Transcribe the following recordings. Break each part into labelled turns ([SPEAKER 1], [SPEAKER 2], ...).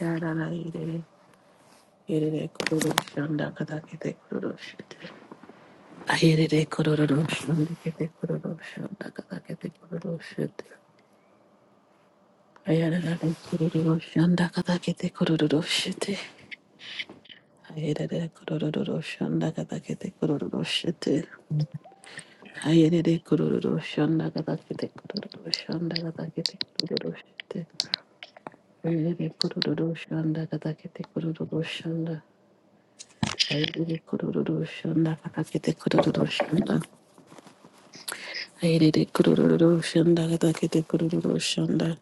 [SPEAKER 1] Yararaire, irere kororo shanda kadakete kororo shite. Ayerere kororo shanda kete kororo shanda kadakete kororo shite. Ayararare kororo shanda kadakete kororo shite. Ayerere kororo shanda kadakete kororo shite. Ayerere kororo shanda kadakete kororo shanda kadakete kororo shite. Ayerere kororo shanda kadakete kororo shanda. Ayerere kororo shanda kadakete kororo shanda. Airere kururu shanda kadakete kururu shanda.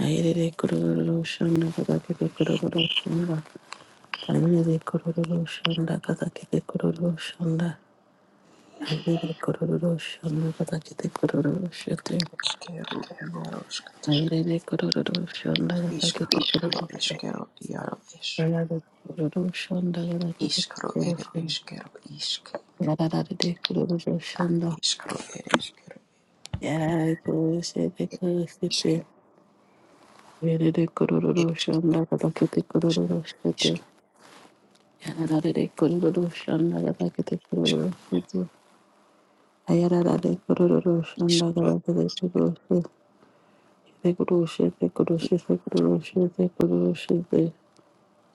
[SPEAKER 1] Airere kururu shanda kadakete kururu shanda. Airere kururu shanda kadakete kururu shanda. Airere kururu shanda kadakete kururu shete.
[SPEAKER 2] Quero iaros
[SPEAKER 1] Airere kururu shanda kadakete
[SPEAKER 2] iscaro
[SPEAKER 1] kururu
[SPEAKER 2] ere
[SPEAKER 1] shete.
[SPEAKER 2] esquero iaro es
[SPEAKER 1] Airere kururu shanda
[SPEAKER 2] iscaro ere esquero isque
[SPEAKER 1] kadakete kururu shete. Yararare kururu
[SPEAKER 2] ad
[SPEAKER 1] shanda.
[SPEAKER 2] iscaro ere esquero
[SPEAKER 1] Yararare kururu shete
[SPEAKER 2] ed
[SPEAKER 1] kadakete.
[SPEAKER 2] esquero
[SPEAKER 1] Yerere kororo
[SPEAKER 2] esquero
[SPEAKER 1] shanda katakete kororo shete.
[SPEAKER 2] isque
[SPEAKER 1] Yararare kororo shanda katakete kororo shete. Ayararare kororo shanda
[SPEAKER 2] iscaro
[SPEAKER 1] katakete kororo shete. Yere kororo shete kororo shete kororo shete kororo shete.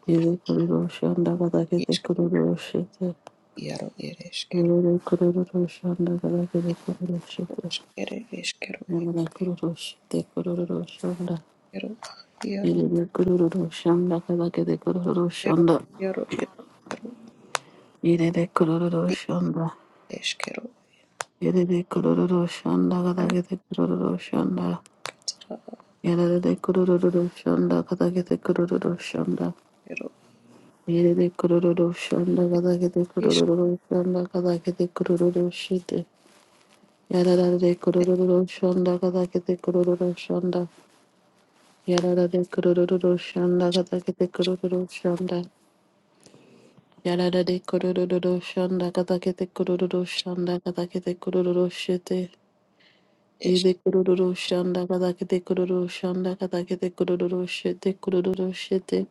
[SPEAKER 1] Yere kororo shanda katakete
[SPEAKER 2] isque
[SPEAKER 1] kororo shete.
[SPEAKER 2] iaro ere esquero
[SPEAKER 1] Yerere kororo shanda katakete kororo shete.
[SPEAKER 2] ere esquero
[SPEAKER 1] Yarara kororo shete kororo shanda.
[SPEAKER 2] ero iaro
[SPEAKER 1] Yerere kororo shanda katakete kororo
[SPEAKER 2] ero
[SPEAKER 1] shanda.
[SPEAKER 2] iaro ero
[SPEAKER 1] Yerere kororo
[SPEAKER 2] ed
[SPEAKER 1] shanda.
[SPEAKER 2] esquero
[SPEAKER 1] Yerere kororo shanda
[SPEAKER 2] ad
[SPEAKER 1] kadagete kororo shanda.
[SPEAKER 2] iaro
[SPEAKER 1] Yerere kororo shanda kadagete kororo shanda.
[SPEAKER 2] ero
[SPEAKER 1] Yerere kororo shanda
[SPEAKER 2] ed
[SPEAKER 1] kadagete
[SPEAKER 2] isque
[SPEAKER 1] kororo shanda kadagete kororo shite. Yerere kororo shanda kadagete kororo shanda. Yerere kororo shanda kadagete kororo shanda. Yerere kororo shanda kadagete kororo shanda kadagete kororo shite.
[SPEAKER 2] es
[SPEAKER 1] Yede kururu shanda kada kete kururu shanda kada kete kururu shete kururu shete.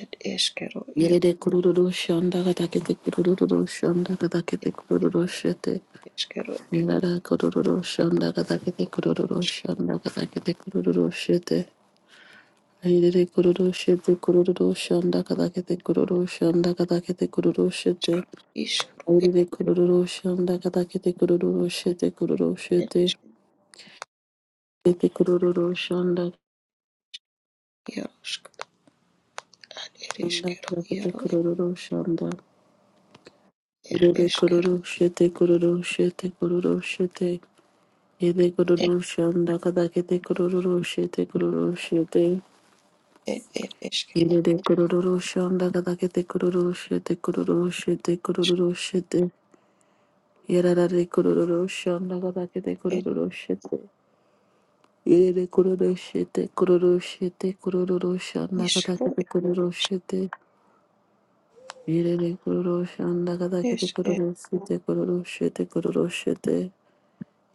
[SPEAKER 2] ed esquero iaro
[SPEAKER 1] Yede kururu shanda kada kete kururu shanda kada kete
[SPEAKER 2] ed
[SPEAKER 1] kururu shete.
[SPEAKER 2] esquero
[SPEAKER 1] Yada kururu shanda kada kete kururu shanda kada kete kururu shete. Yede kururu shete kururu shanda kada kete kururu shanda kada kete kururu shete.
[SPEAKER 2] iscaro
[SPEAKER 1] Yede kururu shanda kada kete kururu
[SPEAKER 2] Ed
[SPEAKER 1] shete Yede kururu shanda.
[SPEAKER 2] Yarosk ad ereskero
[SPEAKER 1] Rakete
[SPEAKER 2] iaro
[SPEAKER 1] kororo shanda.
[SPEAKER 2] ed
[SPEAKER 1] Rere
[SPEAKER 2] eskero
[SPEAKER 1] kororo shete kororo shete kororo shete. Yede
[SPEAKER 2] ed
[SPEAKER 1] kororo shanda kadakete kororo shete kororo shete.
[SPEAKER 2] ed ed eskero
[SPEAKER 1] Yede kororo shanda kadakete kororo shete kororo shete kororo shete. Yarare kororo shanda kadakete
[SPEAKER 2] ed
[SPEAKER 1] kororo shete. Yede kororo shete kororo shete kororo shanda
[SPEAKER 2] iskro
[SPEAKER 1] kadakete kororo shete. Yede kororo shanda
[SPEAKER 2] ed es
[SPEAKER 1] kadakete
[SPEAKER 2] ed
[SPEAKER 1] kororo shete kororo shete kororo shete.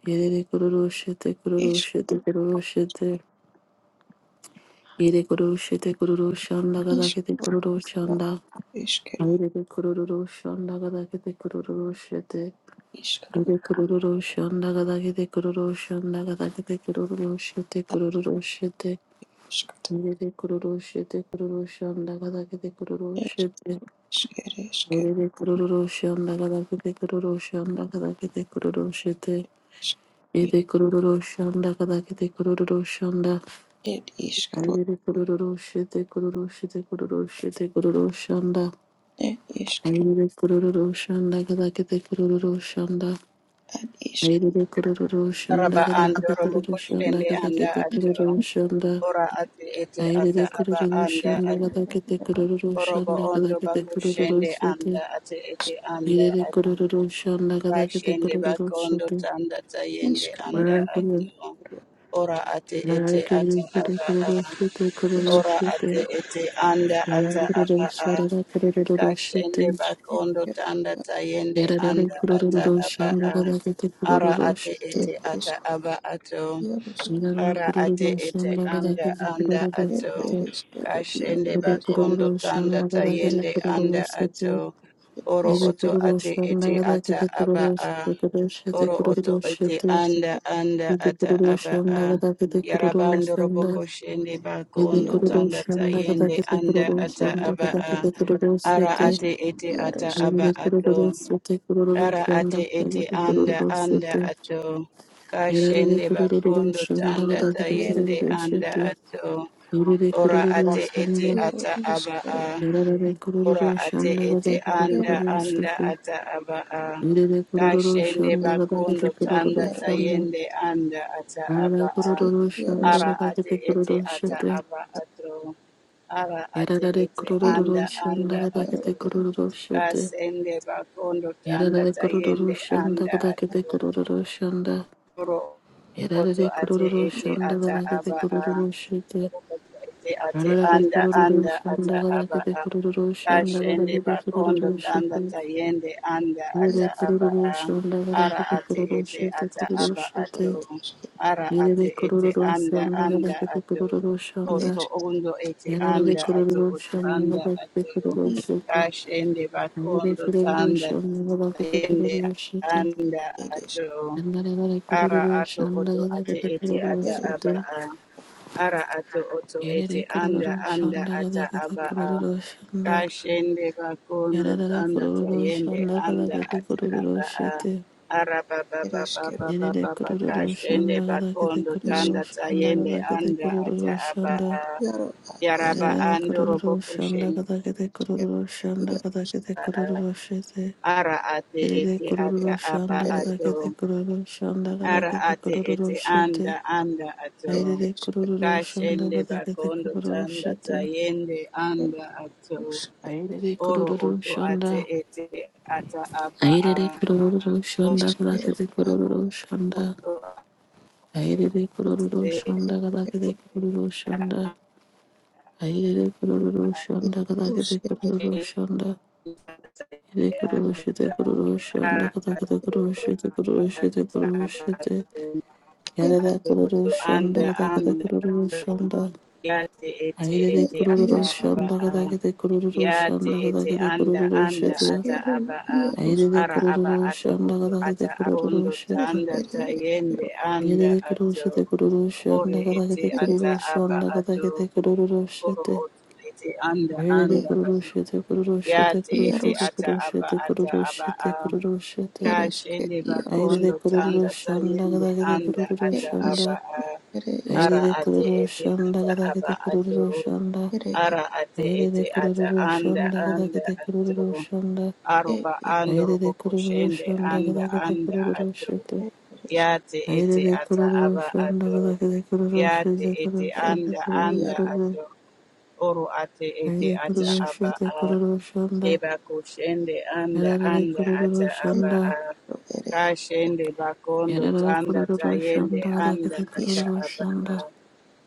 [SPEAKER 1] Yere kururu şete kururu
[SPEAKER 2] isk
[SPEAKER 1] şete kururu şete. Yere kururu şete kururu şanda gada
[SPEAKER 2] isk
[SPEAKER 1] kete kururu
[SPEAKER 2] iaro
[SPEAKER 1] şanda.
[SPEAKER 2] eskero
[SPEAKER 1] Yere de kururu şanda gada kete kururu şete.
[SPEAKER 2] iskro
[SPEAKER 1] Yere kururu şanda gada kete kururu şanda gada kete kururu şete kururu şete.
[SPEAKER 2] aroskat
[SPEAKER 1] Yere de kururu şete kururu şanda gada kete kururu
[SPEAKER 2] ed
[SPEAKER 1] şete.
[SPEAKER 2] isker eskero
[SPEAKER 1] Yere de kururu şanda gada kete kururu şanda gada kete kururu şete.
[SPEAKER 2] isk
[SPEAKER 1] Yere kururu şanda gada kete kururu şanda.
[SPEAKER 2] ed iskro
[SPEAKER 1] Ayere kururu shete kururu shete kururu shete kururu shanda.
[SPEAKER 2] ed iskro
[SPEAKER 1] Ayere kururu shanda kada kete kururu shanda.
[SPEAKER 2] ad isk
[SPEAKER 1] Ayere kururu shanda
[SPEAKER 3] Raba
[SPEAKER 1] kada
[SPEAKER 3] ando
[SPEAKER 1] kete
[SPEAKER 3] robo
[SPEAKER 1] kururu shanda
[SPEAKER 3] koshende
[SPEAKER 1] kada kete
[SPEAKER 3] anda ato.
[SPEAKER 1] kururu shanda.
[SPEAKER 3] Ora ate ete ata
[SPEAKER 1] Ayere
[SPEAKER 3] aba
[SPEAKER 1] kururu
[SPEAKER 3] anda
[SPEAKER 1] shanda
[SPEAKER 3] ato.
[SPEAKER 1] kada kete kururu shanda
[SPEAKER 3] Orobo
[SPEAKER 1] kada
[SPEAKER 3] ondo
[SPEAKER 1] kete
[SPEAKER 3] bako
[SPEAKER 1] kururu
[SPEAKER 3] shende
[SPEAKER 1] shete.
[SPEAKER 3] anda ate ete anda
[SPEAKER 1] Ayere kururu
[SPEAKER 3] ato.
[SPEAKER 1] shanda kada kete
[SPEAKER 3] Bashende
[SPEAKER 1] kururu shete. Ayere kururu shete kururu shete kururu
[SPEAKER 3] bako ondo
[SPEAKER 1] shete.
[SPEAKER 3] tanda tayende
[SPEAKER 2] iskro
[SPEAKER 3] anda
[SPEAKER 1] Ayere kururu
[SPEAKER 3] ato.
[SPEAKER 2] iaro
[SPEAKER 3] Ora ate ete ata aba a.
[SPEAKER 2] esk
[SPEAKER 3] Ora ate ete anda ata aba a.
[SPEAKER 1] shanda kada kururu
[SPEAKER 3] Kashende
[SPEAKER 1] shete.
[SPEAKER 3] bakondo
[SPEAKER 2] eskero
[SPEAKER 3] tanda tayende
[SPEAKER 1] Yararara
[SPEAKER 3] anda ata
[SPEAKER 1] kurururu
[SPEAKER 3] aba a.
[SPEAKER 1] shandagada kete
[SPEAKER 3] Ara
[SPEAKER 1] kurururu
[SPEAKER 3] ate
[SPEAKER 1] shite.
[SPEAKER 2] ed
[SPEAKER 3] ete
[SPEAKER 2] esk
[SPEAKER 3] ata aba ato.
[SPEAKER 2] iarosk
[SPEAKER 1] Yararara
[SPEAKER 3] Ara ate
[SPEAKER 1] kurururu
[SPEAKER 3] ete
[SPEAKER 1] shandagada
[SPEAKER 3] anda
[SPEAKER 1] kete
[SPEAKER 3] anda
[SPEAKER 1] kurururu
[SPEAKER 2] ed
[SPEAKER 3] ato.
[SPEAKER 1] shite.
[SPEAKER 2] ereskero iaro
[SPEAKER 3] Kashende
[SPEAKER 1] Yede
[SPEAKER 2] es
[SPEAKER 3] bakondo
[SPEAKER 1] kurururu
[SPEAKER 3] tanda
[SPEAKER 1] shandagada kete
[SPEAKER 3] tayende
[SPEAKER 1] kurururu
[SPEAKER 3] anda
[SPEAKER 1] shite.
[SPEAKER 3] ato. Oro
[SPEAKER 1] Yede
[SPEAKER 2] isk
[SPEAKER 3] oto
[SPEAKER 1] kurururu
[SPEAKER 3] ate ete
[SPEAKER 1] shandagada
[SPEAKER 3] ata
[SPEAKER 1] kete
[SPEAKER 3] aba
[SPEAKER 1] kurururu
[SPEAKER 3] a.
[SPEAKER 1] shite kurururu shite
[SPEAKER 3] Oro oto
[SPEAKER 1] kurururu
[SPEAKER 3] ete
[SPEAKER 1] shite.
[SPEAKER 3] anda anda
[SPEAKER 1] Yede
[SPEAKER 3] ata
[SPEAKER 1] kurururu
[SPEAKER 3] aba a.
[SPEAKER 1] shandagada kete kurururu
[SPEAKER 3] Yarabando
[SPEAKER 1] shanda.
[SPEAKER 3] roboko shende
[SPEAKER 1] Yede
[SPEAKER 3] bakondo
[SPEAKER 2] iaro
[SPEAKER 1] kurururu
[SPEAKER 3] tanda
[SPEAKER 1] shandagada
[SPEAKER 3] tayende
[SPEAKER 1] kete
[SPEAKER 3] anda
[SPEAKER 1] kurururu
[SPEAKER 3] ata aba
[SPEAKER 1] shandagada
[SPEAKER 3] a.
[SPEAKER 1] kete kurururu
[SPEAKER 3] Ara
[SPEAKER 1] shite.
[SPEAKER 2] isk
[SPEAKER 3] ate ete ata
[SPEAKER 2] iarosk
[SPEAKER 3] aba
[SPEAKER 1] Yede kurururu
[SPEAKER 3] ato.
[SPEAKER 1] shite kurururu
[SPEAKER 3] Ara ate
[SPEAKER 1] shandagada
[SPEAKER 3] ete
[SPEAKER 1] kete
[SPEAKER 3] anda
[SPEAKER 1] kurururu
[SPEAKER 3] anda
[SPEAKER 1] shite.
[SPEAKER 3] ato.
[SPEAKER 1] Yarare
[SPEAKER 3] Kashende
[SPEAKER 1] kururu
[SPEAKER 3] bakondo
[SPEAKER 1] shanda la
[SPEAKER 3] tanda
[SPEAKER 1] dare
[SPEAKER 2] ad
[SPEAKER 3] tayende
[SPEAKER 1] kururu
[SPEAKER 3] anda
[SPEAKER 1] shete.
[SPEAKER 3] ato.
[SPEAKER 1] Yarare
[SPEAKER 3] Ora
[SPEAKER 1] kururu
[SPEAKER 3] ate ete
[SPEAKER 1] shanda
[SPEAKER 2] Iaro
[SPEAKER 3] ata aba
[SPEAKER 2] iskero
[SPEAKER 3] a.
[SPEAKER 1] Yarare
[SPEAKER 3] Ora
[SPEAKER 1] kururu
[SPEAKER 3] ate
[SPEAKER 1] shanda. la
[SPEAKER 2] ere
[SPEAKER 3] ete
[SPEAKER 1] dare
[SPEAKER 2] iaro
[SPEAKER 3] anda
[SPEAKER 1] kururu
[SPEAKER 3] anda
[SPEAKER 1] shete.
[SPEAKER 3] ata aba a.
[SPEAKER 1] Yararere kurururu
[SPEAKER 3] Kashende
[SPEAKER 2] ere
[SPEAKER 1] şandalalardı
[SPEAKER 3] bakondo
[SPEAKER 2] iskru
[SPEAKER 1] kurururu
[SPEAKER 3] tanda
[SPEAKER 2] iaro
[SPEAKER 3] tayende anda ata aba a.
[SPEAKER 2] ere
[SPEAKER 3] Ara
[SPEAKER 2] iaroskana
[SPEAKER 3] ate ete ata
[SPEAKER 2] ere
[SPEAKER 1] işletti.
[SPEAKER 3] aba atro. Ara ate
[SPEAKER 1] Yararere
[SPEAKER 3] ete
[SPEAKER 2] iskero
[SPEAKER 1] kurururu
[SPEAKER 3] anda anda
[SPEAKER 2] ere
[SPEAKER 1] şandalalardı. Yararere kurururu
[SPEAKER 2] iaro
[SPEAKER 3] atro.
[SPEAKER 2] ere
[SPEAKER 1] şandalalardı kurururu işletti.
[SPEAKER 3] Kasende bakondo tanda
[SPEAKER 1] Yararere kurururu
[SPEAKER 3] tayende anda
[SPEAKER 1] şandalalardı
[SPEAKER 3] atro.
[SPEAKER 1] kurururu şandalalardı.
[SPEAKER 3] Toro oto
[SPEAKER 1] Yararere kurururu şandalalardı kurururu işletti. Yararere kurururu şandalalardı kurururu işletti. Yararere kurururu şandalalardı kurururu şanda. Yararere
[SPEAKER 3] ate
[SPEAKER 1] kurururu
[SPEAKER 3] ete ata
[SPEAKER 1] şandalalardı
[SPEAKER 3] aba a.
[SPEAKER 1] kurururu shete.
[SPEAKER 3] Toro oto Ete ate
[SPEAKER 1] Yararare
[SPEAKER 3] anda
[SPEAKER 1] kururu
[SPEAKER 3] anda ata
[SPEAKER 1] shundagada
[SPEAKER 3] aba
[SPEAKER 1] kete
[SPEAKER 3] a.
[SPEAKER 1] kururu shundagada
[SPEAKER 3] Kashende
[SPEAKER 1] kete
[SPEAKER 3] bakondo
[SPEAKER 1] kururu
[SPEAKER 3] tanda
[SPEAKER 1] shite.
[SPEAKER 3] tayende anda
[SPEAKER 1] Yere
[SPEAKER 3] ata aba
[SPEAKER 1] kururu
[SPEAKER 3] a.
[SPEAKER 1] shundagada
[SPEAKER 3] Ara
[SPEAKER 1] kete
[SPEAKER 3] ate
[SPEAKER 1] kururu
[SPEAKER 3] ete
[SPEAKER 1] shite
[SPEAKER 3] ata
[SPEAKER 1] kururu
[SPEAKER 3] aba
[SPEAKER 1] shite.
[SPEAKER 3] ato.
[SPEAKER 2] iskero
[SPEAKER 3] Ara ate
[SPEAKER 1] Yere
[SPEAKER 3] ete
[SPEAKER 1] kururu
[SPEAKER 3] anda
[SPEAKER 1] shundagada
[SPEAKER 3] anda
[SPEAKER 1] kete
[SPEAKER 3] ato.
[SPEAKER 1] kururu shunda.
[SPEAKER 3] Oto
[SPEAKER 2] iskru
[SPEAKER 3] ondo ete
[SPEAKER 1] Yararare
[SPEAKER 3] anda ato
[SPEAKER 1] kururu
[SPEAKER 3] oto anda
[SPEAKER 1] shundagada kete
[SPEAKER 3] ato.
[SPEAKER 1] kururu shite.
[SPEAKER 3] Kashende
[SPEAKER 1] Yere
[SPEAKER 3] bakondo
[SPEAKER 1] kururu
[SPEAKER 3] tanda
[SPEAKER 1] shundagada kete
[SPEAKER 3] tayende
[SPEAKER 1] kururu shite.
[SPEAKER 3] anda
[SPEAKER 2] ere iskero esk
[SPEAKER 3] ato.
[SPEAKER 1] Yandarare
[SPEAKER 3] Ara
[SPEAKER 1] kururu
[SPEAKER 3] ato oto
[SPEAKER 1] shundagada
[SPEAKER 3] ate
[SPEAKER 1] kete
[SPEAKER 3] ete
[SPEAKER 1] kururu
[SPEAKER 3] ata
[SPEAKER 2] ere
[SPEAKER 1] shite.
[SPEAKER 3] aba
[SPEAKER 2] iskero
[SPEAKER 3] a. Ara ato oto
[SPEAKER 1] Yere
[SPEAKER 3] ete
[SPEAKER 1] kururu
[SPEAKER 3] anda anda
[SPEAKER 1] shundagada
[SPEAKER 3] ata
[SPEAKER 1] kete
[SPEAKER 3] aba
[SPEAKER 2] ere
[SPEAKER 3] a.
[SPEAKER 1] kururu shunda.
[SPEAKER 3] Kashende bakondo
[SPEAKER 1] Yararare
[SPEAKER 3] tanda
[SPEAKER 1] kururu
[SPEAKER 3] tayende
[SPEAKER 1] shanda kada
[SPEAKER 3] anda
[SPEAKER 1] kete
[SPEAKER 3] ata
[SPEAKER 1] kururu
[SPEAKER 3] aba a.
[SPEAKER 1] shete.
[SPEAKER 3] Ara
[SPEAKER 2] iskero
[SPEAKER 3] baba
[SPEAKER 2] ere
[SPEAKER 3] baba
[SPEAKER 2] iskero
[SPEAKER 3] baba
[SPEAKER 1] Yerere
[SPEAKER 3] baba
[SPEAKER 1] kururu
[SPEAKER 3] kashende
[SPEAKER 1] shanda kada kete
[SPEAKER 3] bakondo
[SPEAKER 1] kururu
[SPEAKER 2] iskru
[SPEAKER 3] tanda
[SPEAKER 1] shanda
[SPEAKER 3] tayende
[SPEAKER 1] kada kete
[SPEAKER 3] anda ata
[SPEAKER 1] kururu
[SPEAKER 3] aba
[SPEAKER 1] shanda.
[SPEAKER 3] a.
[SPEAKER 2] iaro ad ere
[SPEAKER 3] Yaraba
[SPEAKER 1] Yararare
[SPEAKER 3] andoro
[SPEAKER 1] kururu
[SPEAKER 3] boko
[SPEAKER 1] shanda
[SPEAKER 3] shende.
[SPEAKER 1] kada kete kururu shanda
[SPEAKER 2] iaro
[SPEAKER 1] kada kete kururu shete.
[SPEAKER 3] Ara ate
[SPEAKER 1] Yerere
[SPEAKER 3] ete
[SPEAKER 2] ere
[SPEAKER 1] kururu
[SPEAKER 3] ata
[SPEAKER 1] shanda
[SPEAKER 3] aba
[SPEAKER 2] ere
[SPEAKER 1] kada kete
[SPEAKER 3] ato.
[SPEAKER 1] kururu shanda kada
[SPEAKER 3] Ara
[SPEAKER 1] kete
[SPEAKER 3] ate
[SPEAKER 1] kururu
[SPEAKER 3] ete
[SPEAKER 1] shete.
[SPEAKER 3] anda anda
[SPEAKER 2] ere
[SPEAKER 3] ato.
[SPEAKER 1] Ayrere
[SPEAKER 2] iskero
[SPEAKER 1] kururu shanda
[SPEAKER 3] Kashende
[SPEAKER 1] kada kete
[SPEAKER 3] bakondo
[SPEAKER 1] kururu
[SPEAKER 3] tanda
[SPEAKER 1] shete.
[SPEAKER 3] tayende
[SPEAKER 2] ere
[SPEAKER 3] anda ato.
[SPEAKER 2] isk ere
[SPEAKER 1] Ayrere
[SPEAKER 3] Oro
[SPEAKER 1] kururu
[SPEAKER 3] oto ate
[SPEAKER 1] shanda.
[SPEAKER 3] ete ata apa
[SPEAKER 1] Ayrere
[SPEAKER 3] a.
[SPEAKER 1] kururu
[SPEAKER 3] Oto
[SPEAKER 1] shanda kada
[SPEAKER 2] iskero
[SPEAKER 1] kete
[SPEAKER 2] ad
[SPEAKER 1] kururu shanda.
[SPEAKER 2] ad
[SPEAKER 1] Aherere kororo
[SPEAKER 3] ate
[SPEAKER 2] ere
[SPEAKER 1] shonda kadakede kororo shonda. Aherere kororo shonda
[SPEAKER 2] iskrus
[SPEAKER 1] kadakede
[SPEAKER 2] ere
[SPEAKER 1] kororo
[SPEAKER 3] ete
[SPEAKER 1] shonda.
[SPEAKER 3] ata
[SPEAKER 1] Ere
[SPEAKER 3] ete
[SPEAKER 1] kororo shete
[SPEAKER 3] anda
[SPEAKER 1] kororo shonda
[SPEAKER 3] ara
[SPEAKER 1] kadakede kororo shete kororo shete
[SPEAKER 3] ata
[SPEAKER 1] kororo
[SPEAKER 3] apa
[SPEAKER 1] shete.
[SPEAKER 3] ato.
[SPEAKER 2] ere
[SPEAKER 1] Yarara
[SPEAKER 3] Ato
[SPEAKER 1] kororo
[SPEAKER 3] oto
[SPEAKER 1] shonda
[SPEAKER 3] anda
[SPEAKER 2] iskero
[SPEAKER 1] kadakede
[SPEAKER 3] anda
[SPEAKER 1] kororo
[SPEAKER 3] ato.
[SPEAKER 1] shonda.
[SPEAKER 3] Yate ete
[SPEAKER 1] Aherere
[SPEAKER 3] ete
[SPEAKER 2] ere
[SPEAKER 1] kororo
[SPEAKER 3] ata
[SPEAKER 2] iskero
[SPEAKER 3] apa
[SPEAKER 1] shonda
[SPEAKER 3] a.
[SPEAKER 1] kadakede kororo
[SPEAKER 3] Ya te
[SPEAKER 1] shonda
[SPEAKER 3] ete
[SPEAKER 1] kadakede
[SPEAKER 3] anda
[SPEAKER 1] kororo
[SPEAKER 3] anda
[SPEAKER 1] shete.
[SPEAKER 3] ata
[SPEAKER 2] Esquero,
[SPEAKER 3] aba a
[SPEAKER 2] hierros,
[SPEAKER 1] Aherere
[SPEAKER 3] ara aba
[SPEAKER 1] kororo
[SPEAKER 3] ato
[SPEAKER 1] shonda
[SPEAKER 3] oto
[SPEAKER 1] kadakede
[SPEAKER 3] ata
[SPEAKER 1] kororo
[SPEAKER 3] arondo
[SPEAKER 1] shete.
[SPEAKER 2] isros,
[SPEAKER 3] tanda
[SPEAKER 2] ere,
[SPEAKER 3] ta
[SPEAKER 2] esquero,
[SPEAKER 3] yende anda
[SPEAKER 1] Yedede
[SPEAKER 3] ato
[SPEAKER 1] kurushete
[SPEAKER 3] ore
[SPEAKER 1] kururushanda katakete
[SPEAKER 3] ete ata
[SPEAKER 2] eresque,
[SPEAKER 3] aba
[SPEAKER 1] kururushanda katakete
[SPEAKER 3] ato oro
[SPEAKER 1] kururushete.
[SPEAKER 3] oto ete anda
[SPEAKER 1] Yedede
[SPEAKER 3] anda ato
[SPEAKER 1] kururushete
[SPEAKER 3] ya
[SPEAKER 1] kururushete
[SPEAKER 3] te ete
[SPEAKER 1] kururushete
[SPEAKER 2] hierros,
[SPEAKER 3] ata aba
[SPEAKER 1] kururushete
[SPEAKER 3] ata aba
[SPEAKER 1] kururushete
[SPEAKER 3] a
[SPEAKER 1] kururushete.
[SPEAKER 2] eresque,
[SPEAKER 3] kashende
[SPEAKER 2] hierros,
[SPEAKER 1] Yedede
[SPEAKER 3] bakondo tanda ta
[SPEAKER 1] kururushanda
[SPEAKER 3] yende
[SPEAKER 1] katakete
[SPEAKER 3] anda ata
[SPEAKER 2] e
[SPEAKER 1] kururushanda.
[SPEAKER 3] aba
[SPEAKER 2] isros,
[SPEAKER 3] a
[SPEAKER 2] ere, es,
[SPEAKER 3] ara
[SPEAKER 1] Yedede
[SPEAKER 3] ate ete
[SPEAKER 1] kururushanda
[SPEAKER 3] ata aba
[SPEAKER 1] katakete
[SPEAKER 3] ato
[SPEAKER 1] kururushanda.
[SPEAKER 2] ere,
[SPEAKER 3] Ara ate
[SPEAKER 1] Yedede
[SPEAKER 3] ete ata anda
[SPEAKER 1] kururushanda
[SPEAKER 3] anda
[SPEAKER 1] katakete
[SPEAKER 3] atoro.
[SPEAKER 1] kururushanda.
[SPEAKER 2] e,
[SPEAKER 3] Aroba
[SPEAKER 2] e,
[SPEAKER 3] ando
[SPEAKER 1] Yedede
[SPEAKER 3] robo koshende
[SPEAKER 1] kururushanda
[SPEAKER 3] anda
[SPEAKER 1] katakete
[SPEAKER 3] anda atoro.
[SPEAKER 1] kururushete.
[SPEAKER 2] esque, eresquero,
[SPEAKER 3] Yate ete
[SPEAKER 1] Aire
[SPEAKER 3] ata aba
[SPEAKER 1] kururuşun
[SPEAKER 3] atoro.
[SPEAKER 1] dağdaki kururuşun
[SPEAKER 3] Yate
[SPEAKER 1] de
[SPEAKER 3] ete
[SPEAKER 1] kururuşun de
[SPEAKER 3] anda anda
[SPEAKER 2] hierros,
[SPEAKER 1] kururuşun de kororoshan de
[SPEAKER 3] atoro. Oro ate
[SPEAKER 2] i,
[SPEAKER 3] ete
[SPEAKER 1] Aire
[SPEAKER 3] ata
[SPEAKER 2] isros,
[SPEAKER 3] aba
[SPEAKER 1] kururuşun de
[SPEAKER 3] a.
[SPEAKER 1] kururuşun da
[SPEAKER 3] Eba koshende anda
[SPEAKER 1] Yarare
[SPEAKER 3] anda ata
[SPEAKER 1] kururuşun
[SPEAKER 3] aba a.
[SPEAKER 1] da
[SPEAKER 2] ero, ere, esque,
[SPEAKER 3] Kashende bakondo
[SPEAKER 1] Yarare
[SPEAKER 3] tanda
[SPEAKER 1] kururuşun
[SPEAKER 3] tayende
[SPEAKER 1] dağdaki
[SPEAKER 3] anda
[SPEAKER 1] de
[SPEAKER 3] ata
[SPEAKER 2] isro,
[SPEAKER 3] aba
[SPEAKER 1] kururuşun
[SPEAKER 3] a.
[SPEAKER 1] da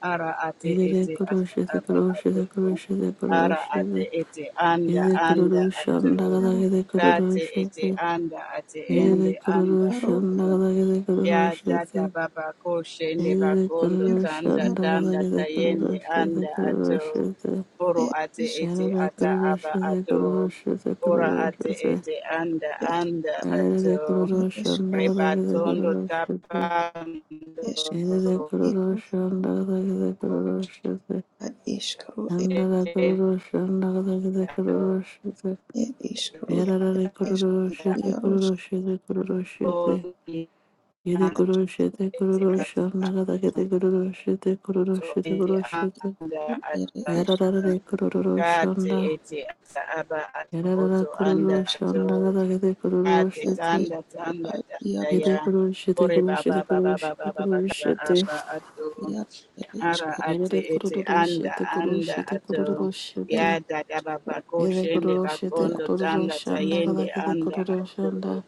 [SPEAKER 3] Ara ate
[SPEAKER 1] Aire
[SPEAKER 3] ete
[SPEAKER 1] kururuşun
[SPEAKER 3] ata
[SPEAKER 1] de
[SPEAKER 3] aba
[SPEAKER 1] kururuşun
[SPEAKER 3] ato.
[SPEAKER 1] de
[SPEAKER 3] to.
[SPEAKER 1] kururuşun de
[SPEAKER 3] Ara
[SPEAKER 1] kururuşun de
[SPEAKER 3] ate ete anda
[SPEAKER 1] Aire
[SPEAKER 3] anda
[SPEAKER 1] kururuşun
[SPEAKER 3] ato.
[SPEAKER 2] esquero,
[SPEAKER 1] dağdaki de
[SPEAKER 3] Kate
[SPEAKER 1] kururuşun
[SPEAKER 3] ete
[SPEAKER 1] de
[SPEAKER 3] anda ate
[SPEAKER 2] hier-
[SPEAKER 1] Aire
[SPEAKER 3] ende anda
[SPEAKER 2] hiero,
[SPEAKER 1] kururuşun
[SPEAKER 3] ato.
[SPEAKER 1] dağdaki de kururuşun de Aire kururuşun dağdaki de
[SPEAKER 3] Ya
[SPEAKER 1] kururuşun
[SPEAKER 3] dada baba ko bakondo
[SPEAKER 2] ero,
[SPEAKER 3] tanda
[SPEAKER 2] ero,
[SPEAKER 3] tanda tayende
[SPEAKER 1] de
[SPEAKER 3] anda ato.
[SPEAKER 1] kururuşun de
[SPEAKER 3] Oro
[SPEAKER 2] e,
[SPEAKER 3] ate
[SPEAKER 2] isro,
[SPEAKER 3] ete
[SPEAKER 1] Yalaba
[SPEAKER 2] e,
[SPEAKER 3] ata
[SPEAKER 1] Kurusha,
[SPEAKER 3] aba
[SPEAKER 1] the
[SPEAKER 3] ato.
[SPEAKER 1] Kurusha, the
[SPEAKER 3] Ora ate
[SPEAKER 1] Kurusha,
[SPEAKER 3] ete anda
[SPEAKER 2] esque,
[SPEAKER 3] anda
[SPEAKER 1] and the
[SPEAKER 3] ato.
[SPEAKER 1] Kurusha,
[SPEAKER 2] esquero,
[SPEAKER 1] Nalaba, the
[SPEAKER 3] Repatondo
[SPEAKER 1] Kurusha,
[SPEAKER 3] tapando
[SPEAKER 1] and the
[SPEAKER 2] esquero, hierros,
[SPEAKER 1] Kurusha, Nalaba, the Kurusha,
[SPEAKER 2] ad, isro, e,
[SPEAKER 1] and the Kurusha, Nalaba, the
[SPEAKER 3] kati
[SPEAKER 1] Kurusha,
[SPEAKER 2] e, isros,
[SPEAKER 3] eti
[SPEAKER 1] Yara,
[SPEAKER 2] e,
[SPEAKER 1] the
[SPEAKER 2] es-
[SPEAKER 1] Kurusha, the Kurusha, the Kurusha, Yede Kurusha, the Kurusha, Nalaba, the Kurusha, the Kurusha, the Kurusha,
[SPEAKER 2] ere
[SPEAKER 1] Yara,
[SPEAKER 2] eske
[SPEAKER 1] the Yarara
[SPEAKER 3] ata aba ato oto anda
[SPEAKER 1] kururu
[SPEAKER 2] eske
[SPEAKER 3] ato
[SPEAKER 1] şanda gada gede the
[SPEAKER 3] kati
[SPEAKER 1] şete.
[SPEAKER 3] tanda
[SPEAKER 2] iso
[SPEAKER 3] tanda
[SPEAKER 2] ad
[SPEAKER 3] tanda
[SPEAKER 2] iaros
[SPEAKER 3] ya
[SPEAKER 1] Yede kuru shite
[SPEAKER 3] ore
[SPEAKER 1] kuru
[SPEAKER 3] baba
[SPEAKER 1] shite kuru
[SPEAKER 3] baba
[SPEAKER 1] shite
[SPEAKER 3] baba baba
[SPEAKER 1] kuru
[SPEAKER 3] kaba
[SPEAKER 1] shite.
[SPEAKER 3] aba ato
[SPEAKER 2] iar ere
[SPEAKER 3] Ara
[SPEAKER 2] eske
[SPEAKER 3] ate
[SPEAKER 1] Yede kuru
[SPEAKER 3] ete
[SPEAKER 1] kuru
[SPEAKER 3] anda
[SPEAKER 1] shite kuru
[SPEAKER 3] anda
[SPEAKER 1] shite kuru
[SPEAKER 3] ato
[SPEAKER 1] kuru shite.
[SPEAKER 2] ero
[SPEAKER 3] yada dada
[SPEAKER 1] Yede
[SPEAKER 3] shende
[SPEAKER 1] kuru shite
[SPEAKER 2] iar
[SPEAKER 3] bakondo
[SPEAKER 1] kuru kuru
[SPEAKER 3] tanda
[SPEAKER 1] shanda
[SPEAKER 3] tayende
[SPEAKER 1] kada kete
[SPEAKER 3] anda
[SPEAKER 1] kuru kuru
[SPEAKER 3] ato
[SPEAKER 1] shanda.